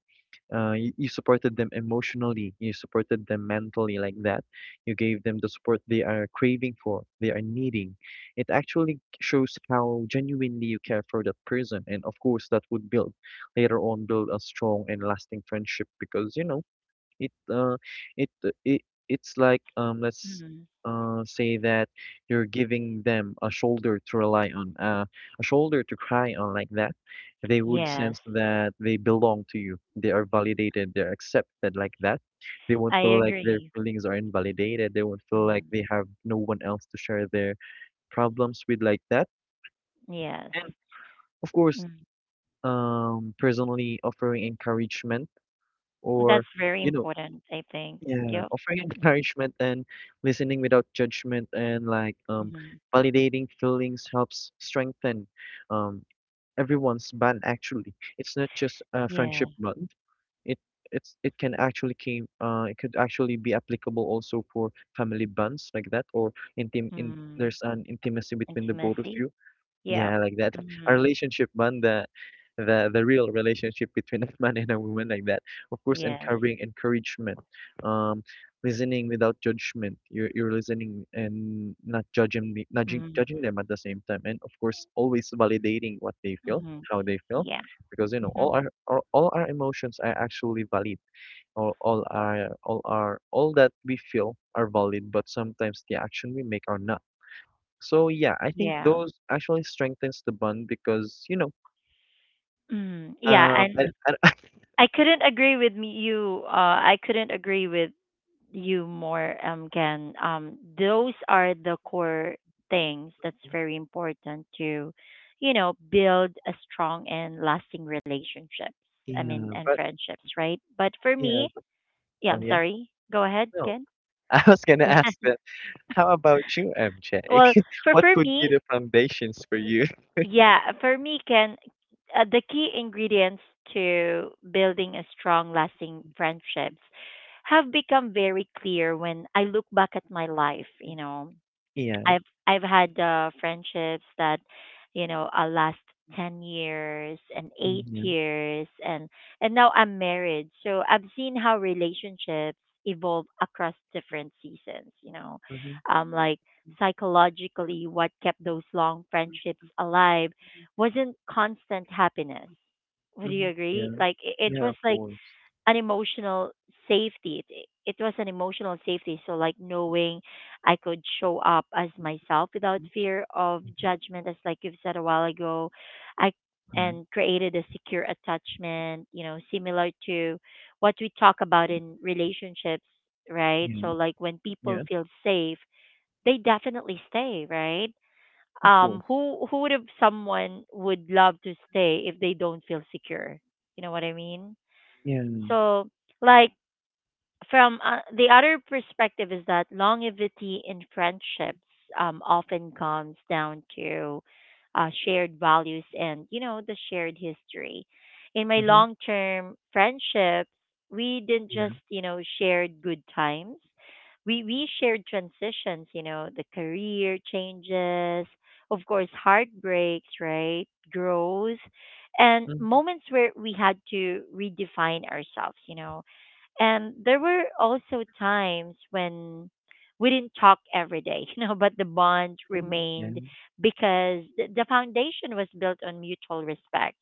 [SPEAKER 2] you, you supported them emotionally. You supported them mentally, like that. You gave them the support they are craving for. They are needing. It actually shows how genuinely you care for that person. And of course, that would build later on build a strong and lasting friendship because you know it uh, it uh, it it's like let's
[SPEAKER 1] Mhm.
[SPEAKER 2] uh, say that you're giving them a shoulder to rely on, a shoulder to cry on like that. They would
[SPEAKER 1] Yes.
[SPEAKER 2] sense that they belong to you. They are validated. They're accepted like that. They won't
[SPEAKER 1] I
[SPEAKER 2] feel like their
[SPEAKER 1] agree.
[SPEAKER 2] feelings are invalidated. They won't feel like
[SPEAKER 1] Mhm.
[SPEAKER 2] they have no one else to share their problems with like that.
[SPEAKER 1] Yes.
[SPEAKER 2] And of course,
[SPEAKER 1] Mm.
[SPEAKER 2] personally offering encouragement or
[SPEAKER 1] That's very
[SPEAKER 2] you know
[SPEAKER 1] important, I think.
[SPEAKER 2] yeah,
[SPEAKER 1] Yep.
[SPEAKER 2] offering
[SPEAKER 1] Mhm.
[SPEAKER 2] encouragement and listening without judgment and
[SPEAKER 1] Mhm.
[SPEAKER 2] validating feelings helps strengthen um everyone's bond actually. It's not just a friendship
[SPEAKER 1] Yeah.
[SPEAKER 2] bond. It it's it can actually came it could actually be applicable also for family bonds like that or intim in
[SPEAKER 1] Mhm.
[SPEAKER 2] there's an intimacy between the both of
[SPEAKER 1] Intimacy.
[SPEAKER 2] you.
[SPEAKER 1] Yeah.
[SPEAKER 2] Yeah, like that. A
[SPEAKER 1] Mhm.
[SPEAKER 2] relationship bond, the real relationship between a man and a woman like that. Of course,
[SPEAKER 1] Yes.
[SPEAKER 2] encouraging encouragement, um, listening without judgment. You're listening and not judging not judging
[SPEAKER 1] Mhm.
[SPEAKER 2] judging them at the same time, and of course, always validating what they feel,
[SPEAKER 1] Mhm.
[SPEAKER 2] how they feel,
[SPEAKER 1] Yeah.
[SPEAKER 2] because
[SPEAKER 1] Mhm.
[SPEAKER 2] all our all our emotions are actually valid. All that we feel are valid, but sometimes the action we make are not. So yeah, I think
[SPEAKER 1] Yeah.
[SPEAKER 2] those actually strengthens the bond because,
[SPEAKER 1] Mm, yeah,
[SPEAKER 2] um,
[SPEAKER 1] and
[SPEAKER 2] I, I,
[SPEAKER 1] I couldn't agree with me, you. I couldn't agree with you more, Ken. Those are the core things that's very important to, build a strong and lasting relationships. I mean,
[SPEAKER 2] yeah,
[SPEAKER 1] and
[SPEAKER 2] but
[SPEAKER 1] friendships, right? But for
[SPEAKER 2] yeah,
[SPEAKER 1] me, yeah,
[SPEAKER 2] oh
[SPEAKER 1] I'm
[SPEAKER 2] yeah,
[SPEAKER 1] sorry. Go ahead,
[SPEAKER 2] no.
[SPEAKER 1] Ken.
[SPEAKER 2] I was gonna ask that. How about you, MJ?
[SPEAKER 1] Yeah. Well, for
[SPEAKER 2] What
[SPEAKER 1] for
[SPEAKER 2] could
[SPEAKER 1] me,
[SPEAKER 2] be the foundations for
[SPEAKER 1] Y-
[SPEAKER 2] you?
[SPEAKER 1] Yeah, for me, Ken, the key ingredients to building a strong, lasting friendships have become very clear when I look back at my life, you know.
[SPEAKER 2] Yeah,
[SPEAKER 1] I've I've had, friendships that, last 10 years and
[SPEAKER 2] mm,
[SPEAKER 1] eight
[SPEAKER 2] yeah,
[SPEAKER 1] years and now I'm married. So I've seen how relationships evolve across different seasons. You know,
[SPEAKER 2] mm-hmm,
[SPEAKER 1] like psychologically, what kept those long friendships alive wasn't constant happiness. Would
[SPEAKER 2] mm-hmm,
[SPEAKER 1] you agree?
[SPEAKER 2] yeah,
[SPEAKER 1] Like it
[SPEAKER 2] yeah,
[SPEAKER 1] was
[SPEAKER 2] of
[SPEAKER 1] like
[SPEAKER 2] course.
[SPEAKER 1] an emotional safety. It was an emotional safety. So, like knowing I could show up as myself without fear of
[SPEAKER 2] Mm-hmm.
[SPEAKER 1] judgment, as like you've said a while ago, I
[SPEAKER 2] Yeah,
[SPEAKER 1] and created a secure attachment. You know, similar to what we talk about in relationships, right?
[SPEAKER 2] yeah,
[SPEAKER 1] So, like when people
[SPEAKER 2] yeah,
[SPEAKER 1] feel safe, they definitely stay, right?
[SPEAKER 2] of course.
[SPEAKER 1] Who would have someone would love to stay if they don't feel secure? You know what I mean?
[SPEAKER 2] Yeah, mm-hmm,
[SPEAKER 1] So like from, the other perspective is that longevity in friendships, often comes down to, shared values and the shared history. In my long term friendships, we didn't
[SPEAKER 2] yeah,
[SPEAKER 1] just shared good times. We shared transitions, you know, the career changes, of course, heartbreaks, right, growth, and
[SPEAKER 2] mm-hmm,
[SPEAKER 1] moments where we had to redefine ourselves, and there were also times when we didn't talk every day, you know, but the bond
[SPEAKER 2] yeah,
[SPEAKER 1] remained because the foundation was built on mutual respect,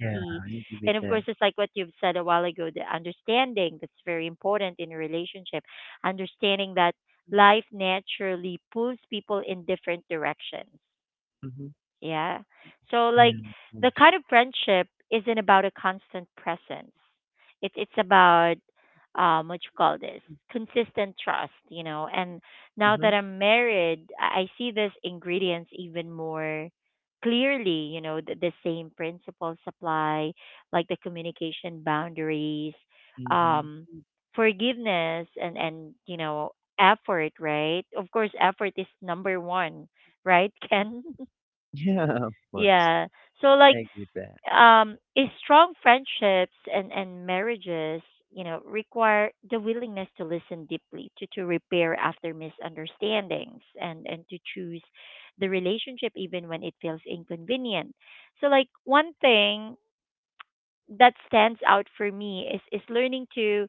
[SPEAKER 2] yeah, I agree with
[SPEAKER 1] and of
[SPEAKER 2] that.
[SPEAKER 1] course, it's like what you've said a while ago, the understanding that's very important in a relationship, understanding that life naturally pulls people in different directions,
[SPEAKER 2] Mm-hmm,
[SPEAKER 1] yeah. So
[SPEAKER 2] yeah, of
[SPEAKER 1] the
[SPEAKER 2] course.
[SPEAKER 1] kind of friendship isn't about a constant presence. It's about what you call this consistent trust, you know. And now
[SPEAKER 2] Mm-hmm,
[SPEAKER 1] that I'm married, I see these ingredients even more clearly. You know, the same principles apply, like the communication boundaries, um,
[SPEAKER 2] mm-hmm.
[SPEAKER 1] forgiveness, and effort. Right. Of course, effort is number one. Right, Ken?
[SPEAKER 2] Yeah, of course.
[SPEAKER 1] Yeah. So
[SPEAKER 2] I
[SPEAKER 1] like
[SPEAKER 2] agree with that.
[SPEAKER 1] is strong friendships and marriages, you know, require the willingness to listen deeply, to repair after misunderstandings and to choose the relationship even when it feels inconvenient. So like one thing that stands out for me is learning to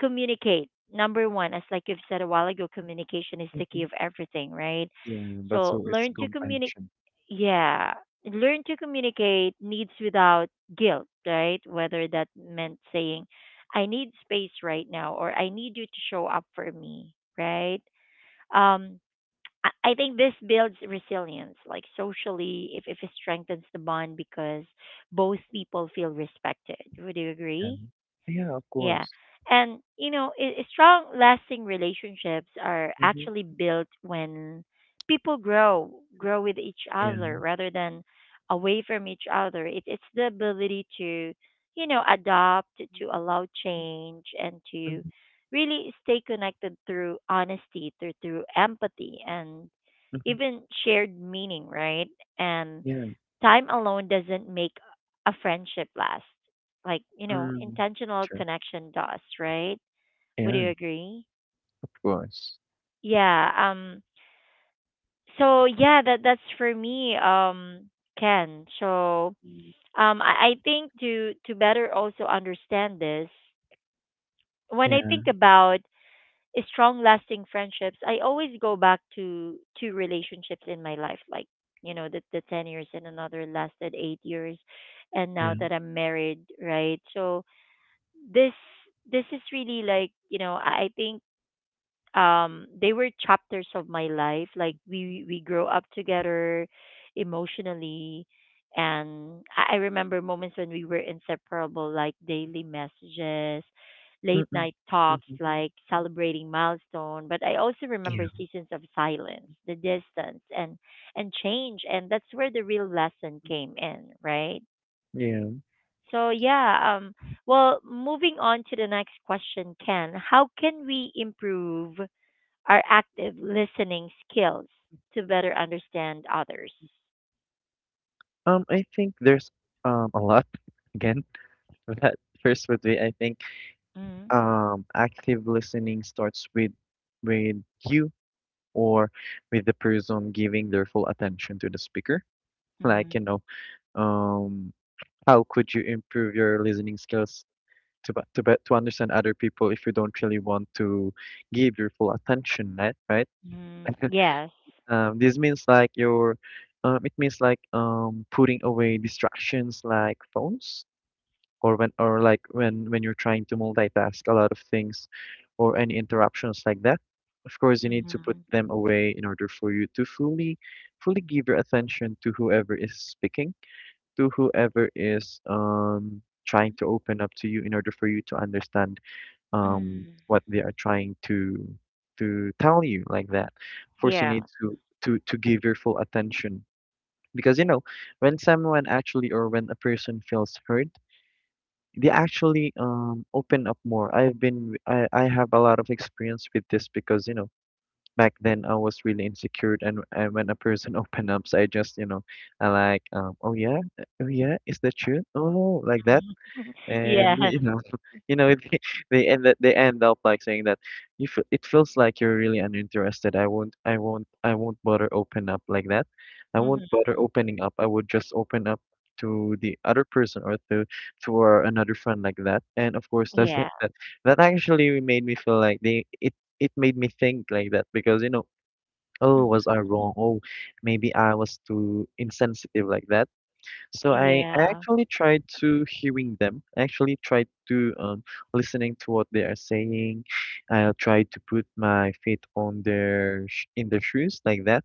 [SPEAKER 1] communicate. Number one, as like you've said a while ago, communication is the key
[SPEAKER 2] Mhm.
[SPEAKER 1] of everything, right?
[SPEAKER 2] Yeah, but
[SPEAKER 1] So
[SPEAKER 2] so it's
[SPEAKER 1] learn to communicate.
[SPEAKER 2] comprehension.
[SPEAKER 1] Yeah, learn to communicate needs without guilt, right? Whether that meant saying, "I need space right now" or "I need you to show up for me," right? Um, I think this builds resilience, like socially, if it strengthens the bond because both people feel respected. Would you
[SPEAKER 2] Yeah.
[SPEAKER 1] agree?
[SPEAKER 2] Yeah, of
[SPEAKER 1] Yeah.
[SPEAKER 2] course.
[SPEAKER 1] And, you know, strong, lasting relationships are actually
[SPEAKER 2] Mm-hmm.
[SPEAKER 1] built when people grow with each other
[SPEAKER 2] And
[SPEAKER 1] rather than away from each other. It's the ability to, you know, adopt, to allow change, and to
[SPEAKER 2] mhm,
[SPEAKER 1] really stay connected through honesty, through empathy, and
[SPEAKER 2] mhm.
[SPEAKER 1] even shared meaning, right? And
[SPEAKER 2] Yeah.
[SPEAKER 1] time alone doesn't make a friendship last. Like, you know,
[SPEAKER 2] Mm.
[SPEAKER 1] intentional
[SPEAKER 2] Sure.
[SPEAKER 1] connection does, right? Would
[SPEAKER 2] Yeah,
[SPEAKER 1] you agree?
[SPEAKER 2] of course.
[SPEAKER 1] Yeah. So yeah, that's for me. Ken. So
[SPEAKER 2] Mm,
[SPEAKER 1] I think to better also understand this, when I think
[SPEAKER 2] yeah,
[SPEAKER 1] about strong, lasting friendships, I always go back to two relationships in my life, like the 10 years and another lasted 8 years, and now
[SPEAKER 2] yeah.
[SPEAKER 1] that I'm married, right? So this is really like I think they were chapters of my life like we grow up together emotionally and I remember moments when we were inseparable like daily messages, late
[SPEAKER 2] Mm-mm.
[SPEAKER 1] night
[SPEAKER 2] Mm-hmm.
[SPEAKER 1] talks,
[SPEAKER 2] Mm,
[SPEAKER 1] like celebrating milestone, but I also remember
[SPEAKER 2] yeah,
[SPEAKER 1] seasons of silence, the distance, and change, and that's where the real lesson came in, right?
[SPEAKER 2] yeah.
[SPEAKER 1] So yeah, well, moving on to the next question, Ken. How can we improve our active listening skills to better understand others?
[SPEAKER 2] I think there's a lot again. That first would be, I think,
[SPEAKER 1] Mm,
[SPEAKER 2] active listening starts with you or with the person giving their full attention to the speaker. Like,
[SPEAKER 1] mm,
[SPEAKER 2] you know. Um, how could you improve your listening skills to understand other people if you don't really want to give your full attention, right? Right?
[SPEAKER 1] mm, yes.
[SPEAKER 2] This means like your, it means like putting away distractions like phones, or like when you're trying to multitask a lot of things, or any interruptions like that. Of course, you need to put
[SPEAKER 1] Mm,
[SPEAKER 2] them away in order for you to fully give your attention to whoever is speaking, to whoever is trying to open up to you, in order for you to understand
[SPEAKER 1] mm.
[SPEAKER 2] what they are trying to tell you like that. Of course, you
[SPEAKER 1] Yeah.
[SPEAKER 2] need to give your full attention because you know when someone actually or when a person feels hurt, they actually open up more. I've been I have a lot of experience with this because you know back then I was really insecure, and when a person opened up, so I just I like "Oh yeah. Oh yeah, is that true? Oh," like that. And
[SPEAKER 1] Yes.
[SPEAKER 2] you know, you know they, they end up like saying that, "You feel, it feels like you're really uninterested. I won't bother open up like that. I won't
[SPEAKER 1] Mhm,
[SPEAKER 2] bother opening up. I would just open up to the other person or to our another friend like that." And of course,
[SPEAKER 1] yeah.
[SPEAKER 2] that that actually made me feel like they, it made me think like that, because you know, oh,
[SPEAKER 1] Mhm,
[SPEAKER 2] was I wrong? Oh, maybe I was too insensitive like that. So I
[SPEAKER 1] yeah.
[SPEAKER 2] actually tried to hearing them. I actually tried to listening to what they are saying. I tried to put my feet on their sh in their shoes like that,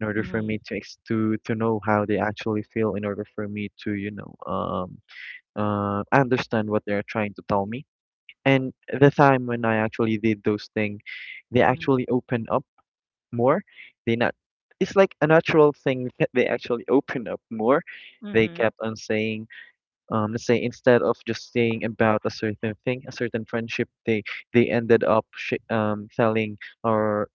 [SPEAKER 2] in order for
[SPEAKER 1] Mhm,
[SPEAKER 2] me to ex to know how they actually feel, in order for me to, understand what they are trying to tell me. And the time when I actually did those things, they
[SPEAKER 1] mhm,
[SPEAKER 2] actually opened up more. They not it's like a natural thing that they actually open up more. They
[SPEAKER 1] mhm,
[SPEAKER 2] kept on saying, let's say, instead of just saying about a certain thing, a certain friendship, they ended up telling or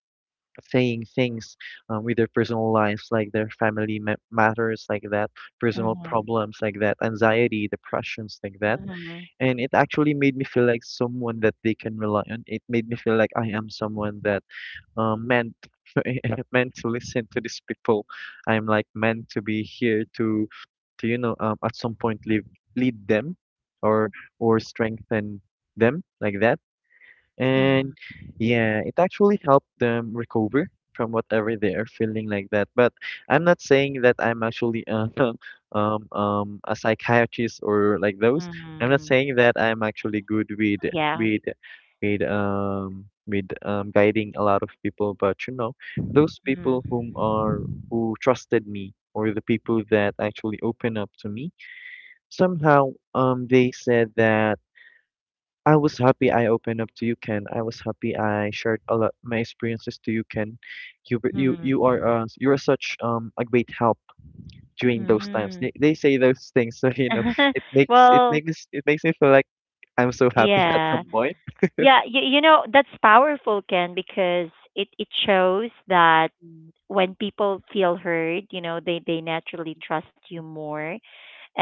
[SPEAKER 2] saying things with their personal lives, like their family matters, like that, personal
[SPEAKER 1] mhm,
[SPEAKER 2] problems, like that, anxiety, depressions, like that.
[SPEAKER 1] mhm,
[SPEAKER 2] And it actually made me feel like someone that they can rely on. It made me feel like I am someone that meant meant to listen to these people. I'm like meant to be here to, you know, at some point, lead, lead them, or or strengthen them like that. And
[SPEAKER 1] mhm,
[SPEAKER 2] yeah, it actually helped them recover from whatever they are feeling like that. But I'm not saying that I'm actually, a psychiatrist or like those. I'm not
[SPEAKER 1] mhm,
[SPEAKER 2] saying that I'm actually good with,
[SPEAKER 1] yeah.
[SPEAKER 2] with with guiding a lot of people, but you know, those
[SPEAKER 1] Mhm,
[SPEAKER 2] people who trusted me, or the people that actually open up to me, somehow they said that, "I was happy I opened up to you, Ken. I was happy I shared a lot my experiences to you, Ken. You were- you
[SPEAKER 1] mhm,
[SPEAKER 2] you are such a great help during those times." They,
[SPEAKER 1] mhm.
[SPEAKER 2] they say those things, so you know it makes it
[SPEAKER 1] Well,
[SPEAKER 2] makes it makes me feel like I'm so happy at
[SPEAKER 1] yeah.
[SPEAKER 2] some point.
[SPEAKER 1] Yeah, you know, that's powerful, Ken, because it shows that
[SPEAKER 2] Mm.
[SPEAKER 1] when people feel heard, you know, they naturally trust you more,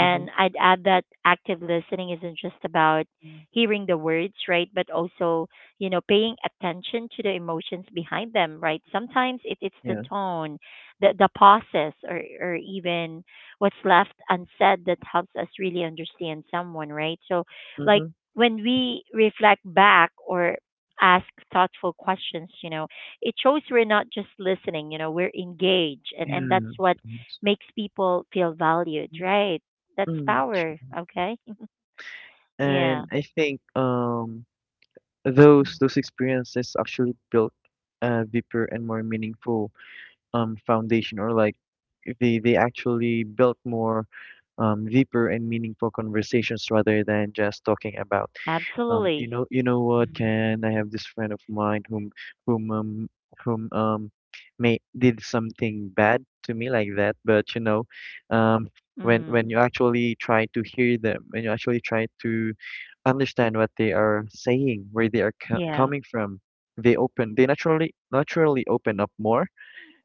[SPEAKER 2] Hmm.
[SPEAKER 1] I'd add that active listening isn't just about hearing the words, right? But also, you know, paying attention to the emotions behind them, right? Sometimes it's the
[SPEAKER 2] Yeah.
[SPEAKER 1] tone, the pauses, or even what's left unsaid that helps us really understand someone, right? So, like,
[SPEAKER 2] Mm-hmm.
[SPEAKER 1] when we reflect back or ask thoughtful questions, you know, it shows we're not just listening, you know, we're engaged. And that's
[SPEAKER 2] Yeah.
[SPEAKER 1] what makes people feel valued, right? That's
[SPEAKER 2] Mm,
[SPEAKER 1] power,
[SPEAKER 2] true.
[SPEAKER 1] okay? Yeah,
[SPEAKER 2] And I think those experiences actually built a deeper and more meaningful foundation, or like, they actually built more deeper and meaningful conversations rather than just talking about, you
[SPEAKER 1] absolutely.
[SPEAKER 2] know, what,
[SPEAKER 1] Mm.
[SPEAKER 2] can I, have this friend of mine whom whom whom may did something bad to me like that. But you know, um, when you
[SPEAKER 1] Mm.
[SPEAKER 2] actually try to hear them, when you actually try to understand what they are saying, where they are
[SPEAKER 1] Yeah.
[SPEAKER 2] coming from, they naturally open up more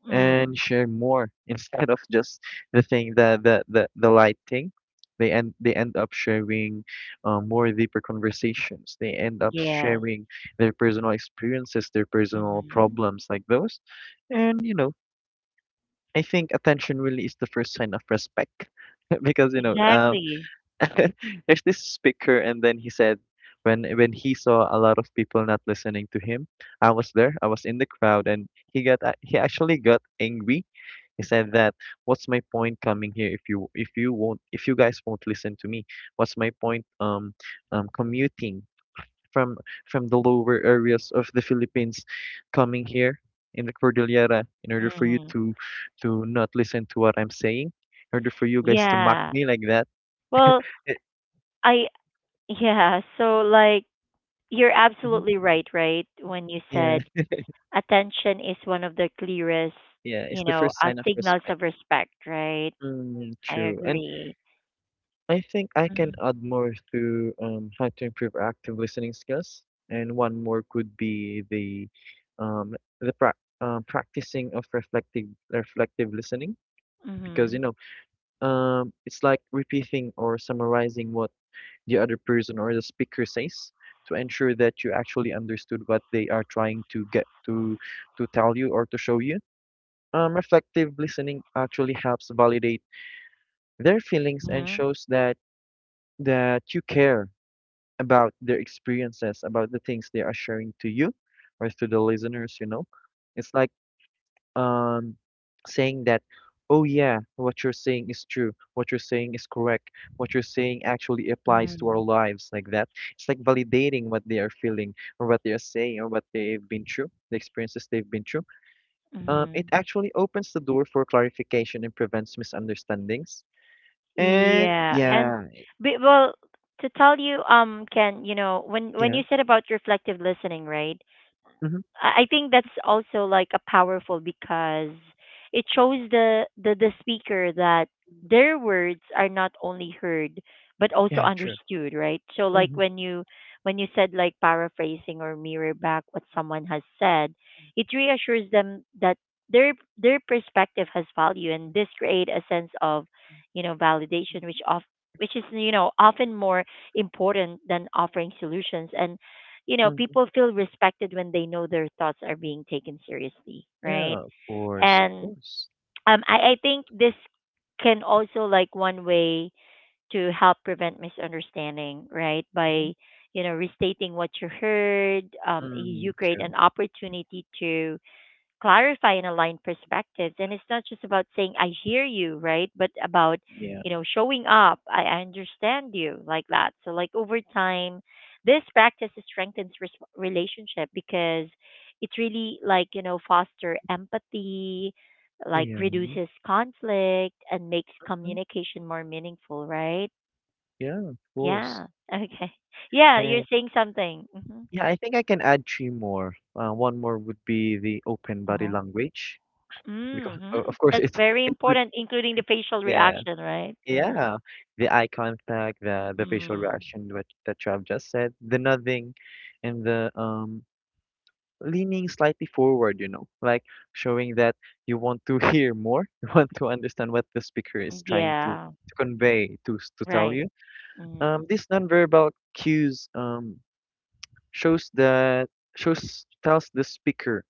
[SPEAKER 1] Mm.
[SPEAKER 2] and share more, instead of just the light thing. They end up sharing, more deeper conversations. They end up
[SPEAKER 1] Yes.
[SPEAKER 2] sharing their personal experiences, their personal
[SPEAKER 1] Hmm.
[SPEAKER 2] problems, like those. And you know, I think attention really is the first sign of respect, because
[SPEAKER 1] Exactly.
[SPEAKER 2] there's this speaker, and then he said, when he saw a lot of people not listening to him, I was there, I was in the crowd, and he actually got angry. He said that, "What's my point coming here if you won't if you guys won't listen to me? What's my point, commuting from from the lower areas of the Philippines, coming here in the Cordillera, in order for you
[SPEAKER 1] Hmm.
[SPEAKER 2] to not listen to what I'm saying, in order for you guys to mock
[SPEAKER 1] Yeah.
[SPEAKER 2] me like that?"
[SPEAKER 1] Well,
[SPEAKER 2] It-
[SPEAKER 1] I yeah, so like you're
[SPEAKER 2] mhm.
[SPEAKER 1] absolutely right, right? When you
[SPEAKER 2] Yeah,
[SPEAKER 1] said attention is one of the clearest,
[SPEAKER 2] yeah, it's
[SPEAKER 1] you
[SPEAKER 2] the
[SPEAKER 1] know,
[SPEAKER 2] first sign of
[SPEAKER 1] signals
[SPEAKER 2] respect.
[SPEAKER 1] of respect, right?
[SPEAKER 2] Mm,
[SPEAKER 1] I
[SPEAKER 2] true. And
[SPEAKER 1] agree.
[SPEAKER 2] I think I can
[SPEAKER 1] Mm-hmm.
[SPEAKER 2] add more to, how to improve active listening skills, and one more could be the, um, the pra practicing of reflective listening, because
[SPEAKER 1] Mm-hmm.
[SPEAKER 2] it's like repeating or summarizing what the other person or the speaker says, to ensure that you actually understood what they are trying to tell you or to show you. Reflective listening actually helps validate their feelings and shows that, that you care about their experiences, about the things they are sharing to you or to the listeners, you know. It's like, um saying that, "Oh yeah, what you're saying is true, what you're saying is correct, what you're saying actually applies to our
[SPEAKER 1] Mm-hmm.
[SPEAKER 2] lives," like that. It's like validating what they are feeling, or what they are saying, or what they've been through, the experiences they've been through. It
[SPEAKER 1] Mm-hmm.
[SPEAKER 2] actually opens the door for clarification and prevents misunderstandings. And
[SPEAKER 1] Yeah, and
[SPEAKER 2] yeah,
[SPEAKER 1] well, to tell you, Ken, you know, when
[SPEAKER 2] yeah,
[SPEAKER 1] you said about reflective listening, right?
[SPEAKER 2] hmm,
[SPEAKER 1] I think that's also like a powerful because it shows the the speaker that their words are not only heard but also
[SPEAKER 2] yeah, true.
[SPEAKER 1] understood, right? So like
[SPEAKER 2] Hmm.
[SPEAKER 1] when you said like paraphrasing or mirror back what someone has said, it reassures them that their perspective has value, and this create a sense of, you know, validation which of which is you know often more important than offering solutions, and you know, people feel respected when they know their thoughts are being taken seriously, right?
[SPEAKER 2] Yeah, of course, of
[SPEAKER 1] And
[SPEAKER 2] course.
[SPEAKER 1] I think this can also like one way to help prevent misunderstanding, right?
[SPEAKER 2] Mhm.
[SPEAKER 1] By you know restating what you heard, you
[SPEAKER 2] Mm,
[SPEAKER 1] create
[SPEAKER 2] true.
[SPEAKER 1] an opportunity to clarify and align perspectives. And it's not just about saying, I hear you, right? But about,
[SPEAKER 2] Yeah,
[SPEAKER 1] you know, showing up, I understand you, like that. So, like, over time, this practice strengthens relationship because it really, like, you know, foster empathy, like,
[SPEAKER 2] yeah, mhm.
[SPEAKER 1] reduces conflict and makes communication more meaningful, right?
[SPEAKER 2] Yeah, of course.
[SPEAKER 1] Yeah. Okay. Yeah, you're
[SPEAKER 2] And
[SPEAKER 1] saying something. Hmm.
[SPEAKER 2] yeah, I think I can add three more. One more would be the open body
[SPEAKER 1] Uh-huh.
[SPEAKER 2] language, because,
[SPEAKER 1] Mm-hmm.
[SPEAKER 2] of course,
[SPEAKER 1] That's
[SPEAKER 2] it
[SPEAKER 1] very
[SPEAKER 2] it would.
[SPEAKER 1] important, including the facial
[SPEAKER 2] Yeah,
[SPEAKER 1] reaction, right?
[SPEAKER 2] yeah. The eye contact, the facial
[SPEAKER 1] Mm-hmm.
[SPEAKER 2] reaction, what that you have just said, the nothing, and the leaning slightly forward, you know, like showing that you want to hear more, you want to understand what the speaker is trying to,
[SPEAKER 1] Yeah,
[SPEAKER 2] to convey to to tell
[SPEAKER 1] right.
[SPEAKER 2] you. These nonverbal cues shows that shows tells the speaker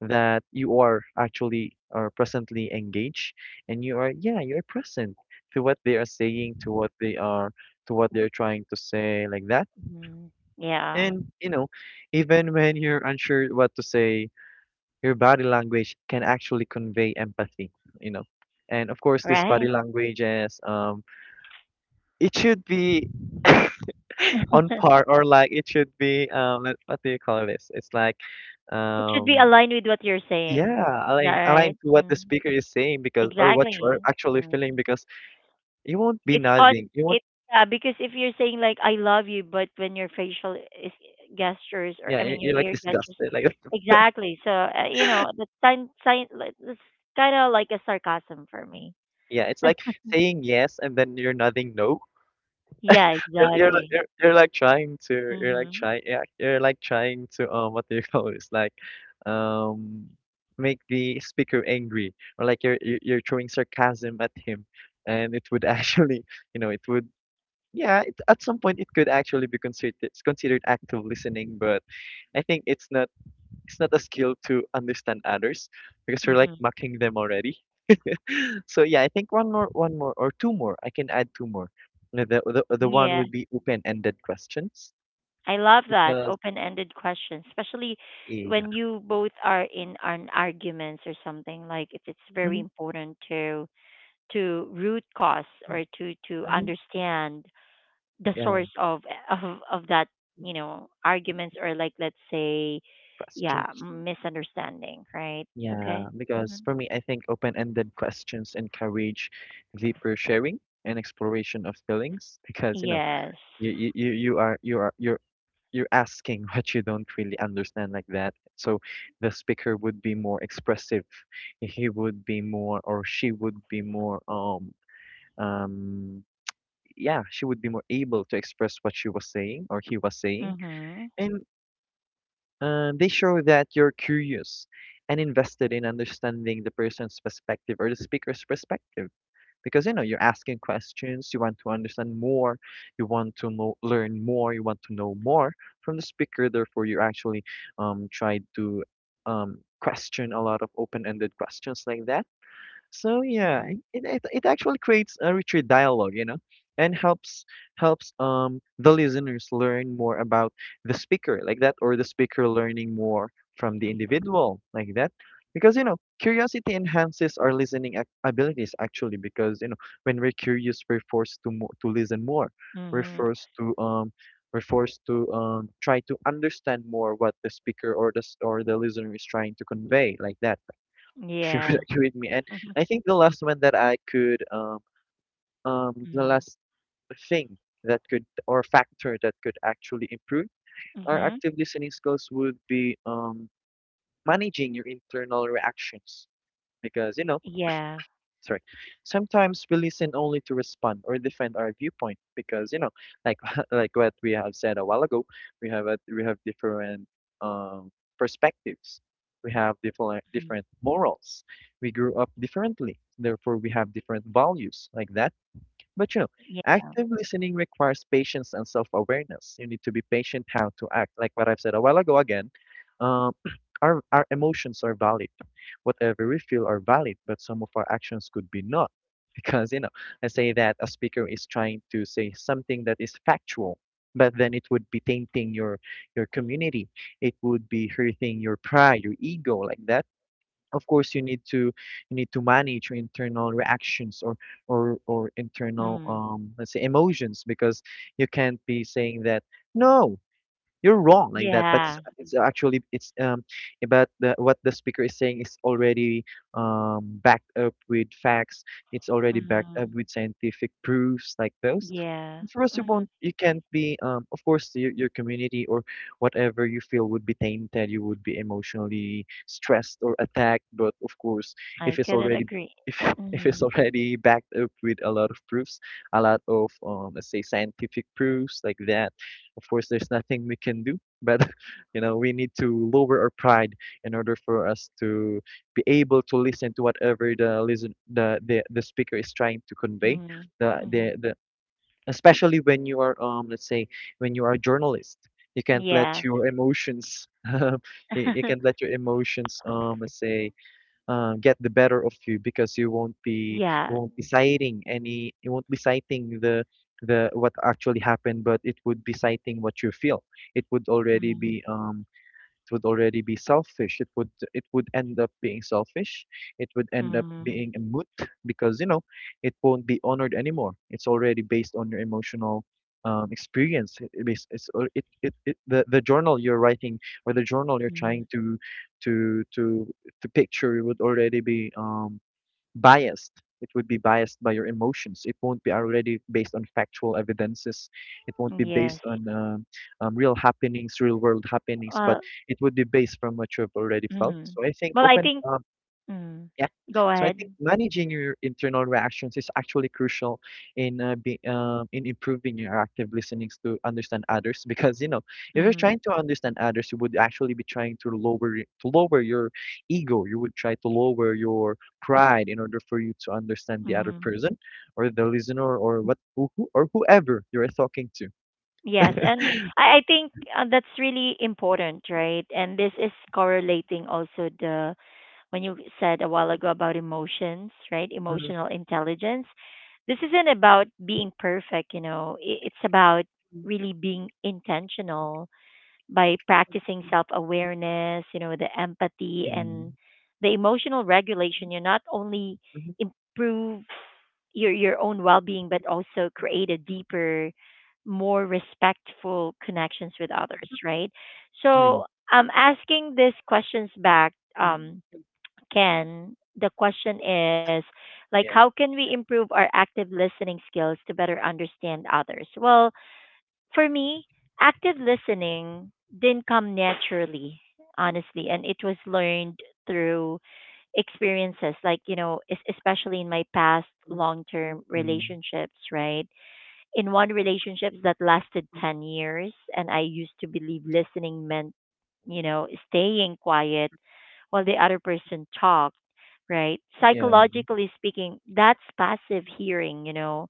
[SPEAKER 2] that you are presently engaged and you are yeah you're present to what they are saying to what they are to what they're trying to say like that.
[SPEAKER 1] Mm-hmm. Yeah,
[SPEAKER 2] And you know, even when you're unsure what to say, your body language can actually convey empathy, you know. And of course, this body
[SPEAKER 1] right.
[SPEAKER 2] language is it should be on par, or like it should be, what do you call this? It's like,
[SPEAKER 1] It should be
[SPEAKER 2] um,
[SPEAKER 1] aligned with what you're saying.
[SPEAKER 2] yeah,
[SPEAKER 1] Is that
[SPEAKER 2] align
[SPEAKER 1] right?
[SPEAKER 2] to what the
[SPEAKER 1] Mm.
[SPEAKER 2] speaker is saying, because or what you're
[SPEAKER 1] Exactly.
[SPEAKER 2] actually feeling,
[SPEAKER 1] Mm.
[SPEAKER 2] because you won't be
[SPEAKER 1] It's called
[SPEAKER 2] nodding, you won't,
[SPEAKER 1] it yeah, because if you're saying like I love you, but when your facial is gestures, or
[SPEAKER 2] yeah,
[SPEAKER 1] I mean your
[SPEAKER 2] you're like
[SPEAKER 1] ear gestures,
[SPEAKER 2] disgusted, like
[SPEAKER 1] exactly. So you know, that's sign. It's kind of like a sarcasm for me.
[SPEAKER 2] yeah, it's like saying yes and then you're nodding no.
[SPEAKER 1] Yeah,
[SPEAKER 2] You're like
[SPEAKER 1] exactly.
[SPEAKER 2] you're like trying to you're like
[SPEAKER 1] Mhm.
[SPEAKER 2] trying yeah you're like trying to what do you call this, like um make the speaker angry, or like you're you're throwing sarcasm at him, and it would actually, you know, it would yeah it, at some point it could actually be considered it's considered active listening, but I think it's not. It's not a skill to understand others, because we're like
[SPEAKER 1] Mhm.
[SPEAKER 2] mocking them already. So yeah, I think one more or two more, I can add two more. The one
[SPEAKER 1] Yeah.
[SPEAKER 2] would be open-ended questions.
[SPEAKER 1] I love that
[SPEAKER 2] Because
[SPEAKER 1] open-ended question, especially when
[SPEAKER 2] yeah.
[SPEAKER 1] you both are in an arguments or something like it's very
[SPEAKER 2] Mhm,
[SPEAKER 1] important to root cause or to
[SPEAKER 2] mhm,
[SPEAKER 1] understand the
[SPEAKER 2] yeah.
[SPEAKER 1] source of of that, you know, arguments, or like let's say, yeah,
[SPEAKER 2] Questions.
[SPEAKER 1] misunderstanding, right?
[SPEAKER 2] Yeah,
[SPEAKER 1] Okay.
[SPEAKER 2] because
[SPEAKER 1] Mhm.
[SPEAKER 2] for me, I think open-ended questions encourage deeper sharing and exploration of feelings, because you know
[SPEAKER 1] Yes.
[SPEAKER 2] you're asking what you don't really understand, like that. So the speaker would be more expressive. He would be more, or she would be more um, yeah, she would be more able to express what she was saying or he was saying.
[SPEAKER 1] Mhm.
[SPEAKER 2] And. They show that you're curious and invested in understanding the person's perspective, or the speaker's perspective, because you know you're asking questions, you want to understand more, you want to know, learn more, you want to know more from the speaker. Therefore you actually try to question a lot of open-ended questions like that. So yeah,
[SPEAKER 1] Mhm.
[SPEAKER 2] it actually creates a richer dialogue, you know, and helps helps the listeners learn more about the speaker, like that, or the speaker learning more from the individual, like that. Because you know, curiosity enhances our listening abilities actually. Because you know, when we're curious, we're forced to to listen more. We're
[SPEAKER 1] Mhm.
[SPEAKER 2] forced to um we're forced to try to understand more what the speaker or the listener is trying to convey, like that, if you would
[SPEAKER 1] Yeah.
[SPEAKER 2] agree with me. And
[SPEAKER 1] Mhm.
[SPEAKER 2] I think the last one that I could, the
[SPEAKER 1] Mhm.
[SPEAKER 2] last thing that could, or factor that could actually improve our
[SPEAKER 1] Mm-hmm.
[SPEAKER 2] active listening skills would be managing your internal reactions. Because, you know,
[SPEAKER 1] Yeah.
[SPEAKER 2] sorry. Sometimes we listen only to respond or defend our viewpoint, because you know, like like what we have said a while ago, we have we have different um, perspectives. We have
[SPEAKER 1] Mm.
[SPEAKER 2] different morals. We grew up differently, therefore we have different values, like that. But you know,
[SPEAKER 1] Yeah.
[SPEAKER 2] active listening requires patience and self-awareness. You need to be patient how to act. Like what I've said a while ago again, um, our emotions are valid. Whatever we feel are valid, but some of our actions could be not. Because you know, I say that a speaker is trying to say something that is factual, but then it would be tainting your community. It would be hurting your pride, your ego, like that. Of course you need to manage your internal reactions, or or internal
[SPEAKER 1] Mm.
[SPEAKER 2] let's say emotions, because you can't be saying that no, you're wrong, like that. But
[SPEAKER 1] Yeah.
[SPEAKER 2] it's actually it's about the, what the speaker is saying is already backed up with facts. It's already backed up
[SPEAKER 1] Mm.
[SPEAKER 2] with scientific proofs, like those.
[SPEAKER 1] Yeah.
[SPEAKER 2] For us,
[SPEAKER 1] Mm-hmm.
[SPEAKER 2] you can't be of course your community or whatever you feel would be tainted, you would be emotionally stressed or attacked. But of course, if
[SPEAKER 1] I
[SPEAKER 2] it's
[SPEAKER 1] couldn't
[SPEAKER 2] already
[SPEAKER 1] agree.
[SPEAKER 2] if, if it's
[SPEAKER 1] Mm.
[SPEAKER 2] already backed up with a lot of proofs, a lot of let's say scientific proofs, like that, of course, there's nothing we can do, but you know, we need to lower our pride in order for us to be able to listen to whatever the listen the speaker is trying to convey.
[SPEAKER 1] Mm.
[SPEAKER 2] The
[SPEAKER 1] Mm.
[SPEAKER 2] the the especially when you are let's say when you are a journalist, you can't let
[SPEAKER 1] Yes.
[SPEAKER 2] your emotions you can't let your emotions let's say get the better of you, because you
[SPEAKER 1] Yeah.
[SPEAKER 2] won't be citing any you won't be citing the what actually happened, but it would be citing what you feel. It
[SPEAKER 1] Mm.
[SPEAKER 2] would already be selfish. It would end up being selfish. It would end up
[SPEAKER 1] Mm.
[SPEAKER 2] being a moot, because you know it won't be honored anymore. It's already based on your emotional experience. It is- it's it, it, it the journal you're writing, or the journal you're
[SPEAKER 1] Mm.
[SPEAKER 2] trying to to to to picture, would already be biased. It would be biased by your emotions. It won't be already based on factual evidences. It won't be
[SPEAKER 1] Yes.
[SPEAKER 2] based on real happenings, real world happenings, but
[SPEAKER 1] Uh,
[SPEAKER 2] it would be based from what you have already felt.
[SPEAKER 1] mm.
[SPEAKER 2] So I think
[SPEAKER 1] Well, I
[SPEAKER 2] open
[SPEAKER 1] think. Mm.
[SPEAKER 2] yeah.
[SPEAKER 1] Go
[SPEAKER 2] So I
[SPEAKER 1] ahead.
[SPEAKER 2] think managing your internal reactions is actually crucial in in improving your active listening to understand others, because you know if you're
[SPEAKER 1] Mm.
[SPEAKER 2] trying to understand others, you would actually be trying to to lower your ego, you would try to lower your pride in order for you to understand the other
[SPEAKER 1] Mm.
[SPEAKER 2] person, or the listener, or or whoever you're talking to.
[SPEAKER 1] Yes, and I think that's really important, right? And this is correlating also the when you said a while ago about emotions, right?
[SPEAKER 2] Mhm.
[SPEAKER 1] Emotional intelligence. This isn't about being perfect, you know, it's about really being intentional by practicing self awareness, you know, the empathy
[SPEAKER 2] Yeah.
[SPEAKER 1] and the emotional regulation. You not only
[SPEAKER 2] Mhm.
[SPEAKER 1] improve your own well being, but also create a deeper, more respectful connections with others, right?
[SPEAKER 2] Really.
[SPEAKER 1] So I'm asking these questions back. Can, the question is like how
[SPEAKER 2] Yeah.
[SPEAKER 1] can we improve our active listening skills to better understand others? Well, for me, active listening didn't come naturally, honestly, and it was learned through experiences like, you know, especially in my past
[SPEAKER 2] Mm.
[SPEAKER 1] long-term relationships, right? In one relationship that lasted 10 years, and I used to believe listening meant you know staying quiet while the other person talked, right?
[SPEAKER 2] Yeah.
[SPEAKER 1] Psychologically speaking, that's passive hearing, you know,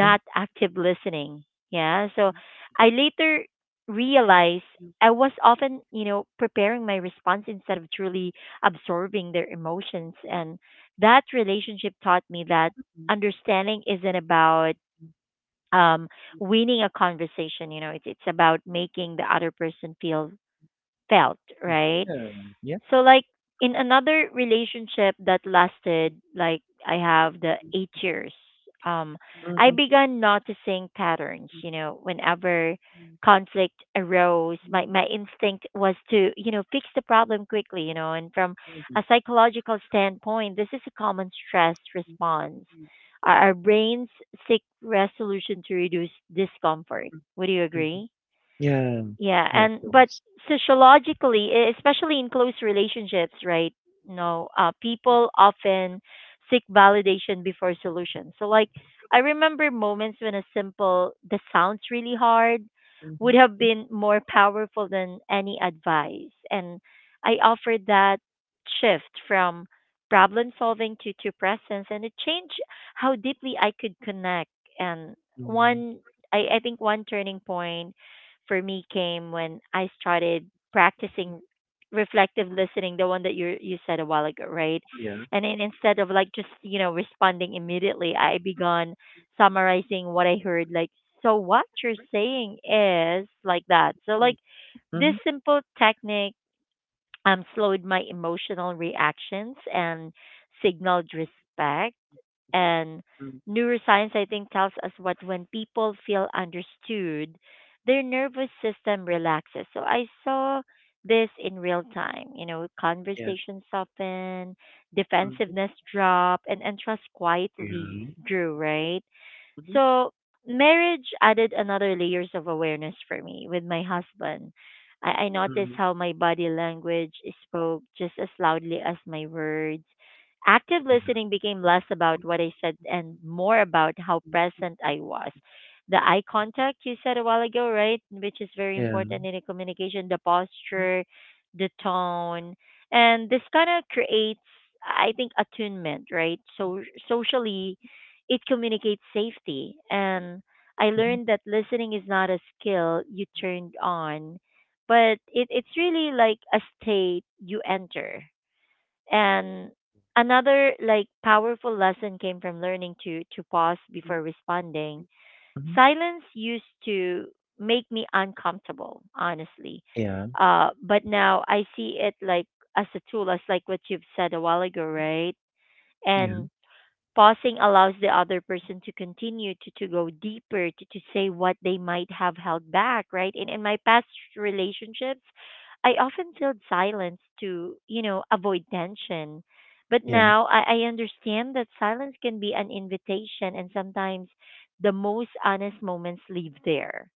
[SPEAKER 2] Mhm.
[SPEAKER 1] active listening. Yeah. So I later realized I was often, you know, preparing my response instead of truly absorbing their emotions. And that relationship taught me that understanding isn't about um, winning a conversation, you know, it's about making the other person feel felt, right?
[SPEAKER 2] Yeah. Yeah.
[SPEAKER 1] So like in another relationship that lasted like I have the 8 years, um I
[SPEAKER 2] Mhm.
[SPEAKER 1] began noticing patterns, you know, whenever conflict arose, my instinct was to, you know, fix the problem quickly, you know, and from a psychological standpoint, this is a common stress response. Our brains seek resolution to reduce discomfort. Would you
[SPEAKER 2] Mhm.
[SPEAKER 1] agree?
[SPEAKER 2] Yeah.
[SPEAKER 1] Yeah,
[SPEAKER 2] Yeah, of
[SPEAKER 1] and but
[SPEAKER 2] course.
[SPEAKER 1] sociologically, especially in close relationships, right? No, people often seek validation before solutions. So, like, I remember moments when a simple "this sounds really hard" would
[SPEAKER 2] Mhm.
[SPEAKER 1] have
[SPEAKER 2] Yeah.
[SPEAKER 1] been more powerful than any advice, and I offered that shift from problem solving to presence, and it changed how deeply I could connect. And
[SPEAKER 2] Mhm.
[SPEAKER 1] one, I think, one turning point for me came when I started practicing reflective listening, the one that you said a while ago, right?
[SPEAKER 2] Yeah.
[SPEAKER 1] And then instead of like just you know responding immediately, I began summarizing what I heard. Like, so what you're saying is like that. So like this
[SPEAKER 2] Mhm.
[SPEAKER 1] simple technique slowed my emotional reactions and signaled respect, and
[SPEAKER 2] Mhm.
[SPEAKER 1] neuroscience, I think, tells us what when people feel understood, their nervous system relaxes. So I saw this in real time. You know,
[SPEAKER 2] Yeah.
[SPEAKER 1] conversations soften,
[SPEAKER 2] Mhm.
[SPEAKER 1] defensiveness drop, and trust
[SPEAKER 2] Yeah.
[SPEAKER 1] quietly grew, right?
[SPEAKER 2] Mhm.
[SPEAKER 1] So marriage added another layers of awareness for me with my husband. I noticed
[SPEAKER 2] Mhm.
[SPEAKER 1] how my body language spoke just as loudly as my words. Active
[SPEAKER 2] Yeah.
[SPEAKER 1] listening became less about what I said and more about how present I was. The eye contact you said a while ago, right? Which is very
[SPEAKER 2] Yeah.
[SPEAKER 1] important in a communication, the posture, the tone. And this kind of creates, I think, attunement, right? So socially, it communicates safety. And I
[SPEAKER 2] Mhm.
[SPEAKER 1] learned that listening is not a skill you turned on, but it's really like a state you enter. And another like powerful lesson came from learning to pause
[SPEAKER 2] Mhm.
[SPEAKER 1] before responding. Silence used to make me uncomfortable, honestly.
[SPEAKER 2] Yeah.
[SPEAKER 1] But now I see it like as a tool, as like what you've said a while ago, right? And
[SPEAKER 2] Yeah.
[SPEAKER 1] Pausing allows the other person to continue to go deeper, to say what they might have held back, right? In my past relationships, I often filled silence to, avoid tension. But
[SPEAKER 2] Yeah.
[SPEAKER 1] now I understand that silence can be an invitation, and sometimes the most honest moments live there,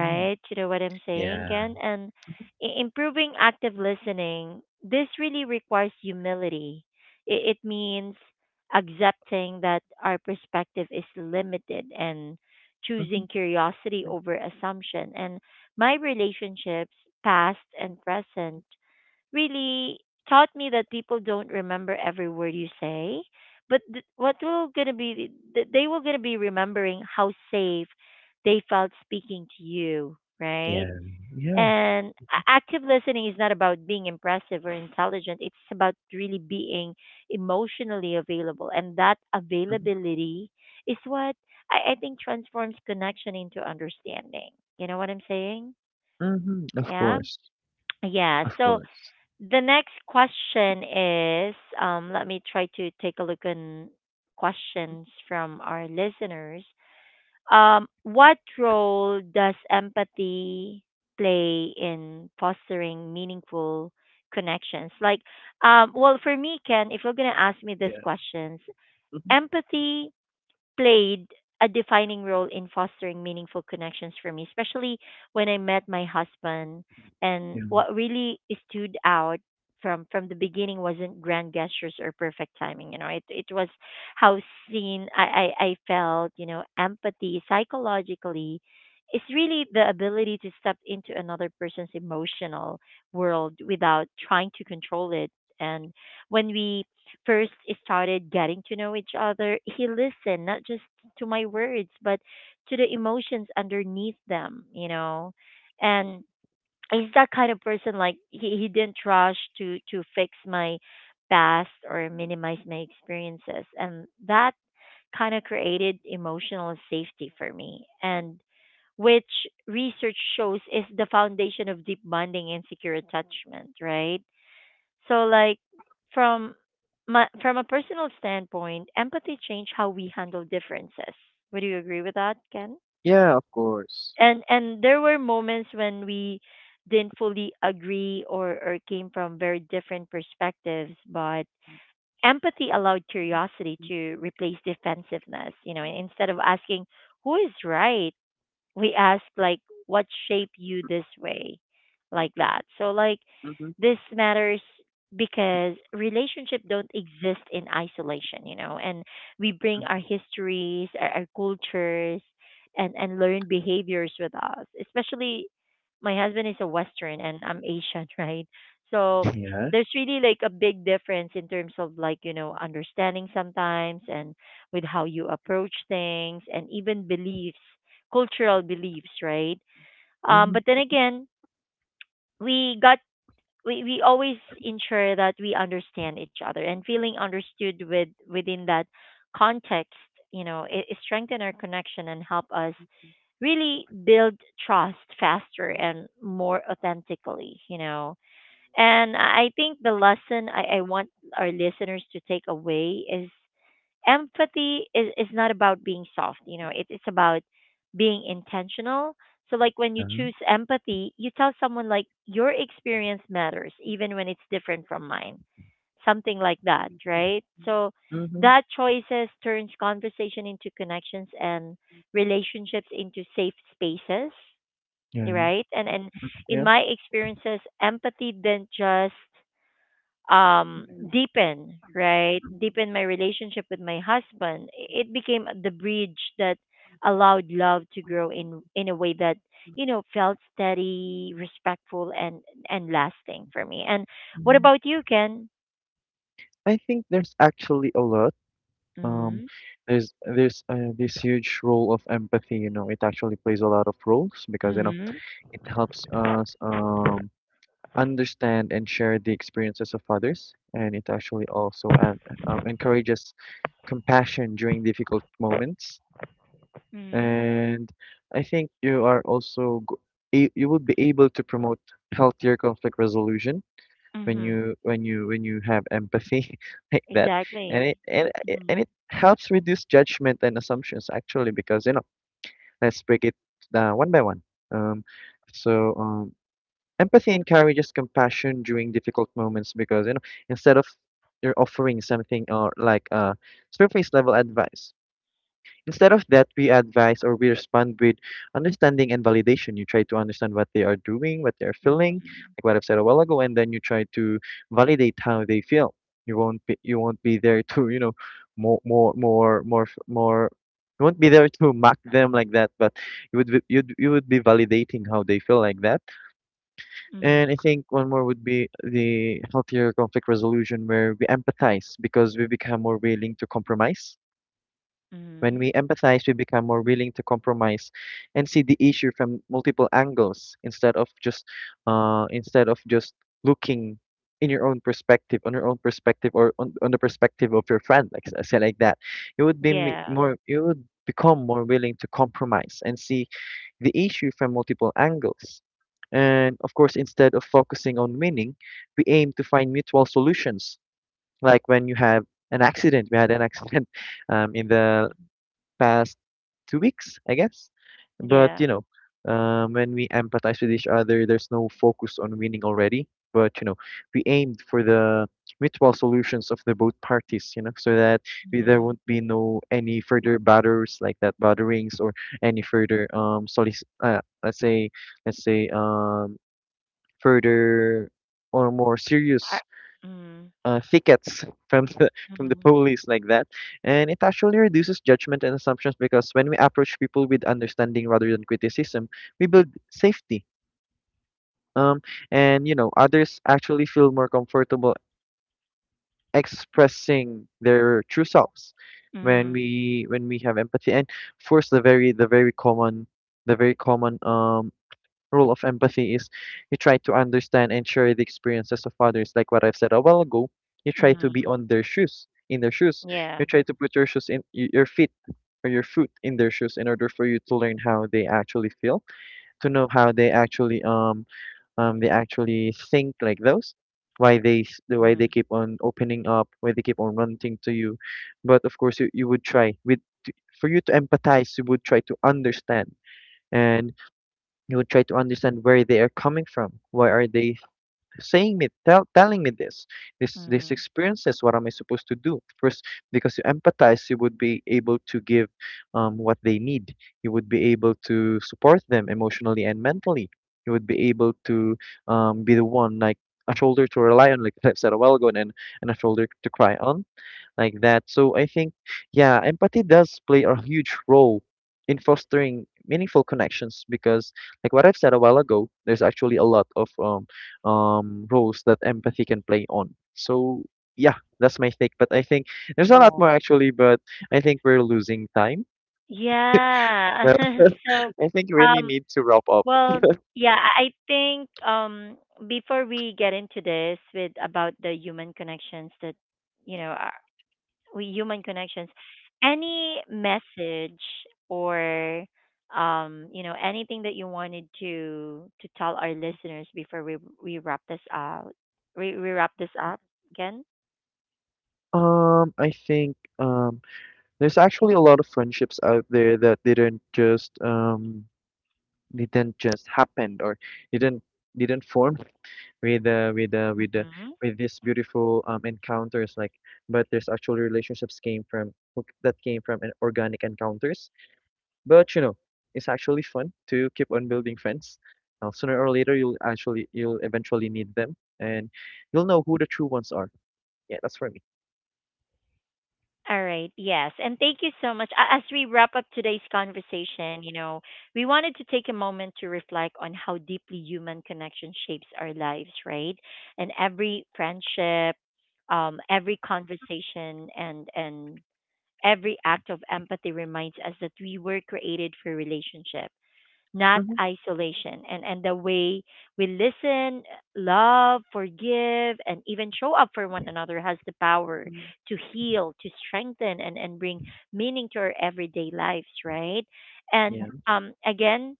[SPEAKER 2] Mm.
[SPEAKER 1] You know what I'm saying,
[SPEAKER 2] Yeah.
[SPEAKER 1] Ken? And improving active listening, this really requires humility. It means accepting that our perspective is limited and
[SPEAKER 2] Mhm.
[SPEAKER 1] choosing curiosity over assumption. And my relationships, past and present, really taught me that people don't remember every word you say, but th- what will gonna be th- they will gonna be remembering how safe they felt speaking to you, right?
[SPEAKER 2] Yeah. Yeah.
[SPEAKER 1] And active listening is not about being impressive or intelligent. It's about really being emotionally available, and that
[SPEAKER 2] Mhm.
[SPEAKER 1] availability is what I think transforms connection into understanding. You know what I'm saying?
[SPEAKER 2] Mhm. Of
[SPEAKER 1] Yeah.
[SPEAKER 2] course.
[SPEAKER 1] Yeah.
[SPEAKER 2] Of
[SPEAKER 1] So
[SPEAKER 2] course.
[SPEAKER 1] the next question is, let me try to take a look on questions from our listeners. What role does empathy play in fostering meaningful connections? Like, well, for me, Ken, if you're going to ask me these
[SPEAKER 2] Yeah.
[SPEAKER 1] questions,
[SPEAKER 2] Mhm.
[SPEAKER 1] empathy played a defining role in fostering meaningful connections for me, especially when I met my husband. And
[SPEAKER 2] Yeah.
[SPEAKER 1] what really stood out from the beginning wasn't grand gestures or perfect timing. You know, it was how seen I felt. You know, empathy psychologically is really the ability to step into another person's emotional world without trying to control it. And when we first started getting to know each other, he listened not just to my words, but to the emotions underneath them, you know. And he's that kind of person like he didn't rush to fix my past or minimize my experiences. And that kind of created emotional safety for me. And which research shows is the foundation of deep bonding and secure attachment, right? So like from my, from a personal standpoint, empathy changed how we handle differences. Would you agree with that, Ken?
[SPEAKER 2] Yeah, of course.
[SPEAKER 1] And there were moments when we didn't fully agree or came from very different perspectives, but empathy allowed curiosity to replace defensiveness, you know, instead of asking who is right, we ask like what shape you this way like that, so like
[SPEAKER 2] Mhm.
[SPEAKER 1] this matters because relationship don't exist in isolation, you know, and we bring
[SPEAKER 2] Mhm.
[SPEAKER 1] our histories, our cultures, and learn behaviors with us, especially my husband is a western and I'm asian right? So
[SPEAKER 2] Yeah.
[SPEAKER 1] there's really like a big difference in terms of like, you know, understanding sometimes and with how you approach things and even beliefs, cultural beliefs, right? Um,
[SPEAKER 2] Mhm.
[SPEAKER 1] but then again, we got we always ensure that we understand each other and feeling understood with within that context, you know, it strengthen our connection and help us really build trust faster and more authentically, you know. And I think the lesson I want our listeners to take away is empathy is not about being soft, you know, it's about being intentional. So like when you
[SPEAKER 2] Yeah.
[SPEAKER 1] choose empathy you tell someone like your experience matters even when it's different from mine, something like that, right? So
[SPEAKER 2] Mhm.
[SPEAKER 1] that choices turns conversation into connections and relationships into safe spaces,
[SPEAKER 2] Yeah.
[SPEAKER 1] right? And in
[SPEAKER 2] Yeah.
[SPEAKER 1] my experiences empathy didn't just deepen, right, deepen my relationship with my husband. It became the bridge that allowed love to grow in a way that, you know, felt steady, respectful, and lasting for me. And what
[SPEAKER 2] Mhm.
[SPEAKER 1] about you, Ken?
[SPEAKER 2] I think there's actually a lot. Um,
[SPEAKER 1] Mm-hmm.
[SPEAKER 2] there's this huge role of empathy. You know, it actually plays a lot of roles, because you know
[SPEAKER 1] Mm-hmm.
[SPEAKER 2] it helps us understand and share the experiences of others, and it actually also encourages compassion during difficult moments. And I think you are also go- a- you would be able to promote healthier conflict resolution when you when you when you have empathy, like that. and it
[SPEAKER 1] Exactly.
[SPEAKER 2] and, it- and it helps reduce judgment and assumptions actually, because you know, let's break it down one by one. um so um Empathy encourages compassion during difficult moments, because you know, instead of you're offering something, or like a surface level advice. Instead of that, we advise or we respond with understanding and validation. You try to understand what they are doing, what they are feeling,
[SPEAKER 1] Mm-hmm.
[SPEAKER 2] like what I've said a while ago, and then you try to validate how they feel. You won't be there to, you know, more. You won't be there to mock them, like that, but you would be validating how they feel, like that. And
[SPEAKER 1] Mm.
[SPEAKER 2] I think one more would be the healthier conflict resolution, where we empathize because we become more willing to compromise. When
[SPEAKER 1] Mm.
[SPEAKER 2] we empathize, we become more willing to compromise and see the issue from multiple angles, instead of just uh, instead of just looking in your own perspective, on your own perspective, or on the perspective of your friend, like say like that.
[SPEAKER 1] Yeah.
[SPEAKER 2] You would become more willing to compromise and see the issue from multiple angles. And of course, instead of focusing on winning, we aim to find mutual solutions. Like when you have an accident, we had an accident, in the past 2 weeks, I guess. But
[SPEAKER 1] Yeah.
[SPEAKER 2] you know, when we empathize with each other, there's no focus on winning already. But you know, we aimed for the mutual solutions of the both parties. You know, so that we, there
[SPEAKER 1] Mm-hmm.
[SPEAKER 2] won't be no any further batters, like that, batterings, or any further let's say, let's say um, further or more serious
[SPEAKER 1] Mm.
[SPEAKER 2] tickets from the from the
[SPEAKER 1] Mm.
[SPEAKER 2] police, like that. And it actually reduces judgment and assumptions, because when we approach people with understanding rather than criticism, we build safety, um and you know others actually feel more comfortable expressing their true selves
[SPEAKER 1] Mm-hmm.
[SPEAKER 2] when we have empathy. And of course, the very the very common role of empathy is you try to understand and share the experiences of others, like what I've said a while ago. You try to be
[SPEAKER 1] Mm-hmm.
[SPEAKER 2] on their shoes, in their shoes.
[SPEAKER 1] Yeah.
[SPEAKER 2] You try to put your shoes in your feet, or your foot in their shoes, in order for you to learn how they actually feel, to know how they actually think, like those, why they s- the why they
[SPEAKER 1] Mm.
[SPEAKER 2] keep on opening up, why they keep on ranting to you. But of course, you would try with to- for you to empathize, you would try to understand, and you would try to understand where they are coming from. Why are they saying me, tell, telling me this, this
[SPEAKER 1] Mm.
[SPEAKER 2] experiences? What am I supposed to do? First, because you empathize, you would be able to give what they need. You would be able to support them emotionally and mentally. You would be able to be the one like a shoulder to rely on, like, I said a while ago, and a shoulder to cry on, like that. So I think, yeah, empathy does play a huge role in fostering meaningful connections, because, like what I've said a while ago, there's actually a lot of roles that empathy can play on. So yeah, that's my take. But I think there's a lot more actually, but I think we're losing time.
[SPEAKER 1] Yeah.
[SPEAKER 2] So
[SPEAKER 1] So,
[SPEAKER 2] I think we really
[SPEAKER 1] um,
[SPEAKER 2] need to wrap up.
[SPEAKER 1] well, yeah, I think before we get into this with about the human connections that you know are we human connections, any message or you know anything that you wanted to tell our listeners before we wrap this out we wrap this up, Ken?
[SPEAKER 2] I think there's actually a lot of friendships out there that didn't just happen, or didn't didn't form with with these beautiful encounters like but there's actually relationships came from ok, that came from an organic encounters. But you know, it's actually fun to keep on building friends. Sooner or later, you'll actually you'll eventually need them, and you'll know who the true ones are. Yeah, that's for me.
[SPEAKER 1] All right. Yes. And thank you so much. As we wrap up today's conversation, you know, we wanted to take a moment to reflect on how deeply human connection shapes our lives, right? And every friendship, every conversation, and every act of empathy reminds us that we were created for relationship, not
[SPEAKER 2] Mhm.
[SPEAKER 1] isolation. And the way we listen, love, forgive, and even show up for one another has the power to heal, to strengthen, and bring meaning to our everyday lives, right? And
[SPEAKER 2] Yeah.
[SPEAKER 1] again,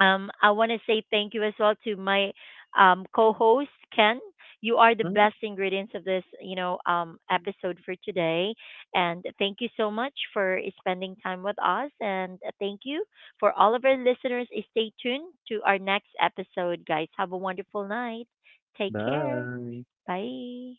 [SPEAKER 1] I want to say thank you as well to my co-host Ken. You are the
[SPEAKER 2] Mhm.
[SPEAKER 1] best ingredients of this, you know, episode for today. And thank you so much for spending time with us. And thank you for all of our listeners. Stay tuned to our next episode, guys. Have a wonderful night. Take care.
[SPEAKER 2] Bye.
[SPEAKER 1] Bye.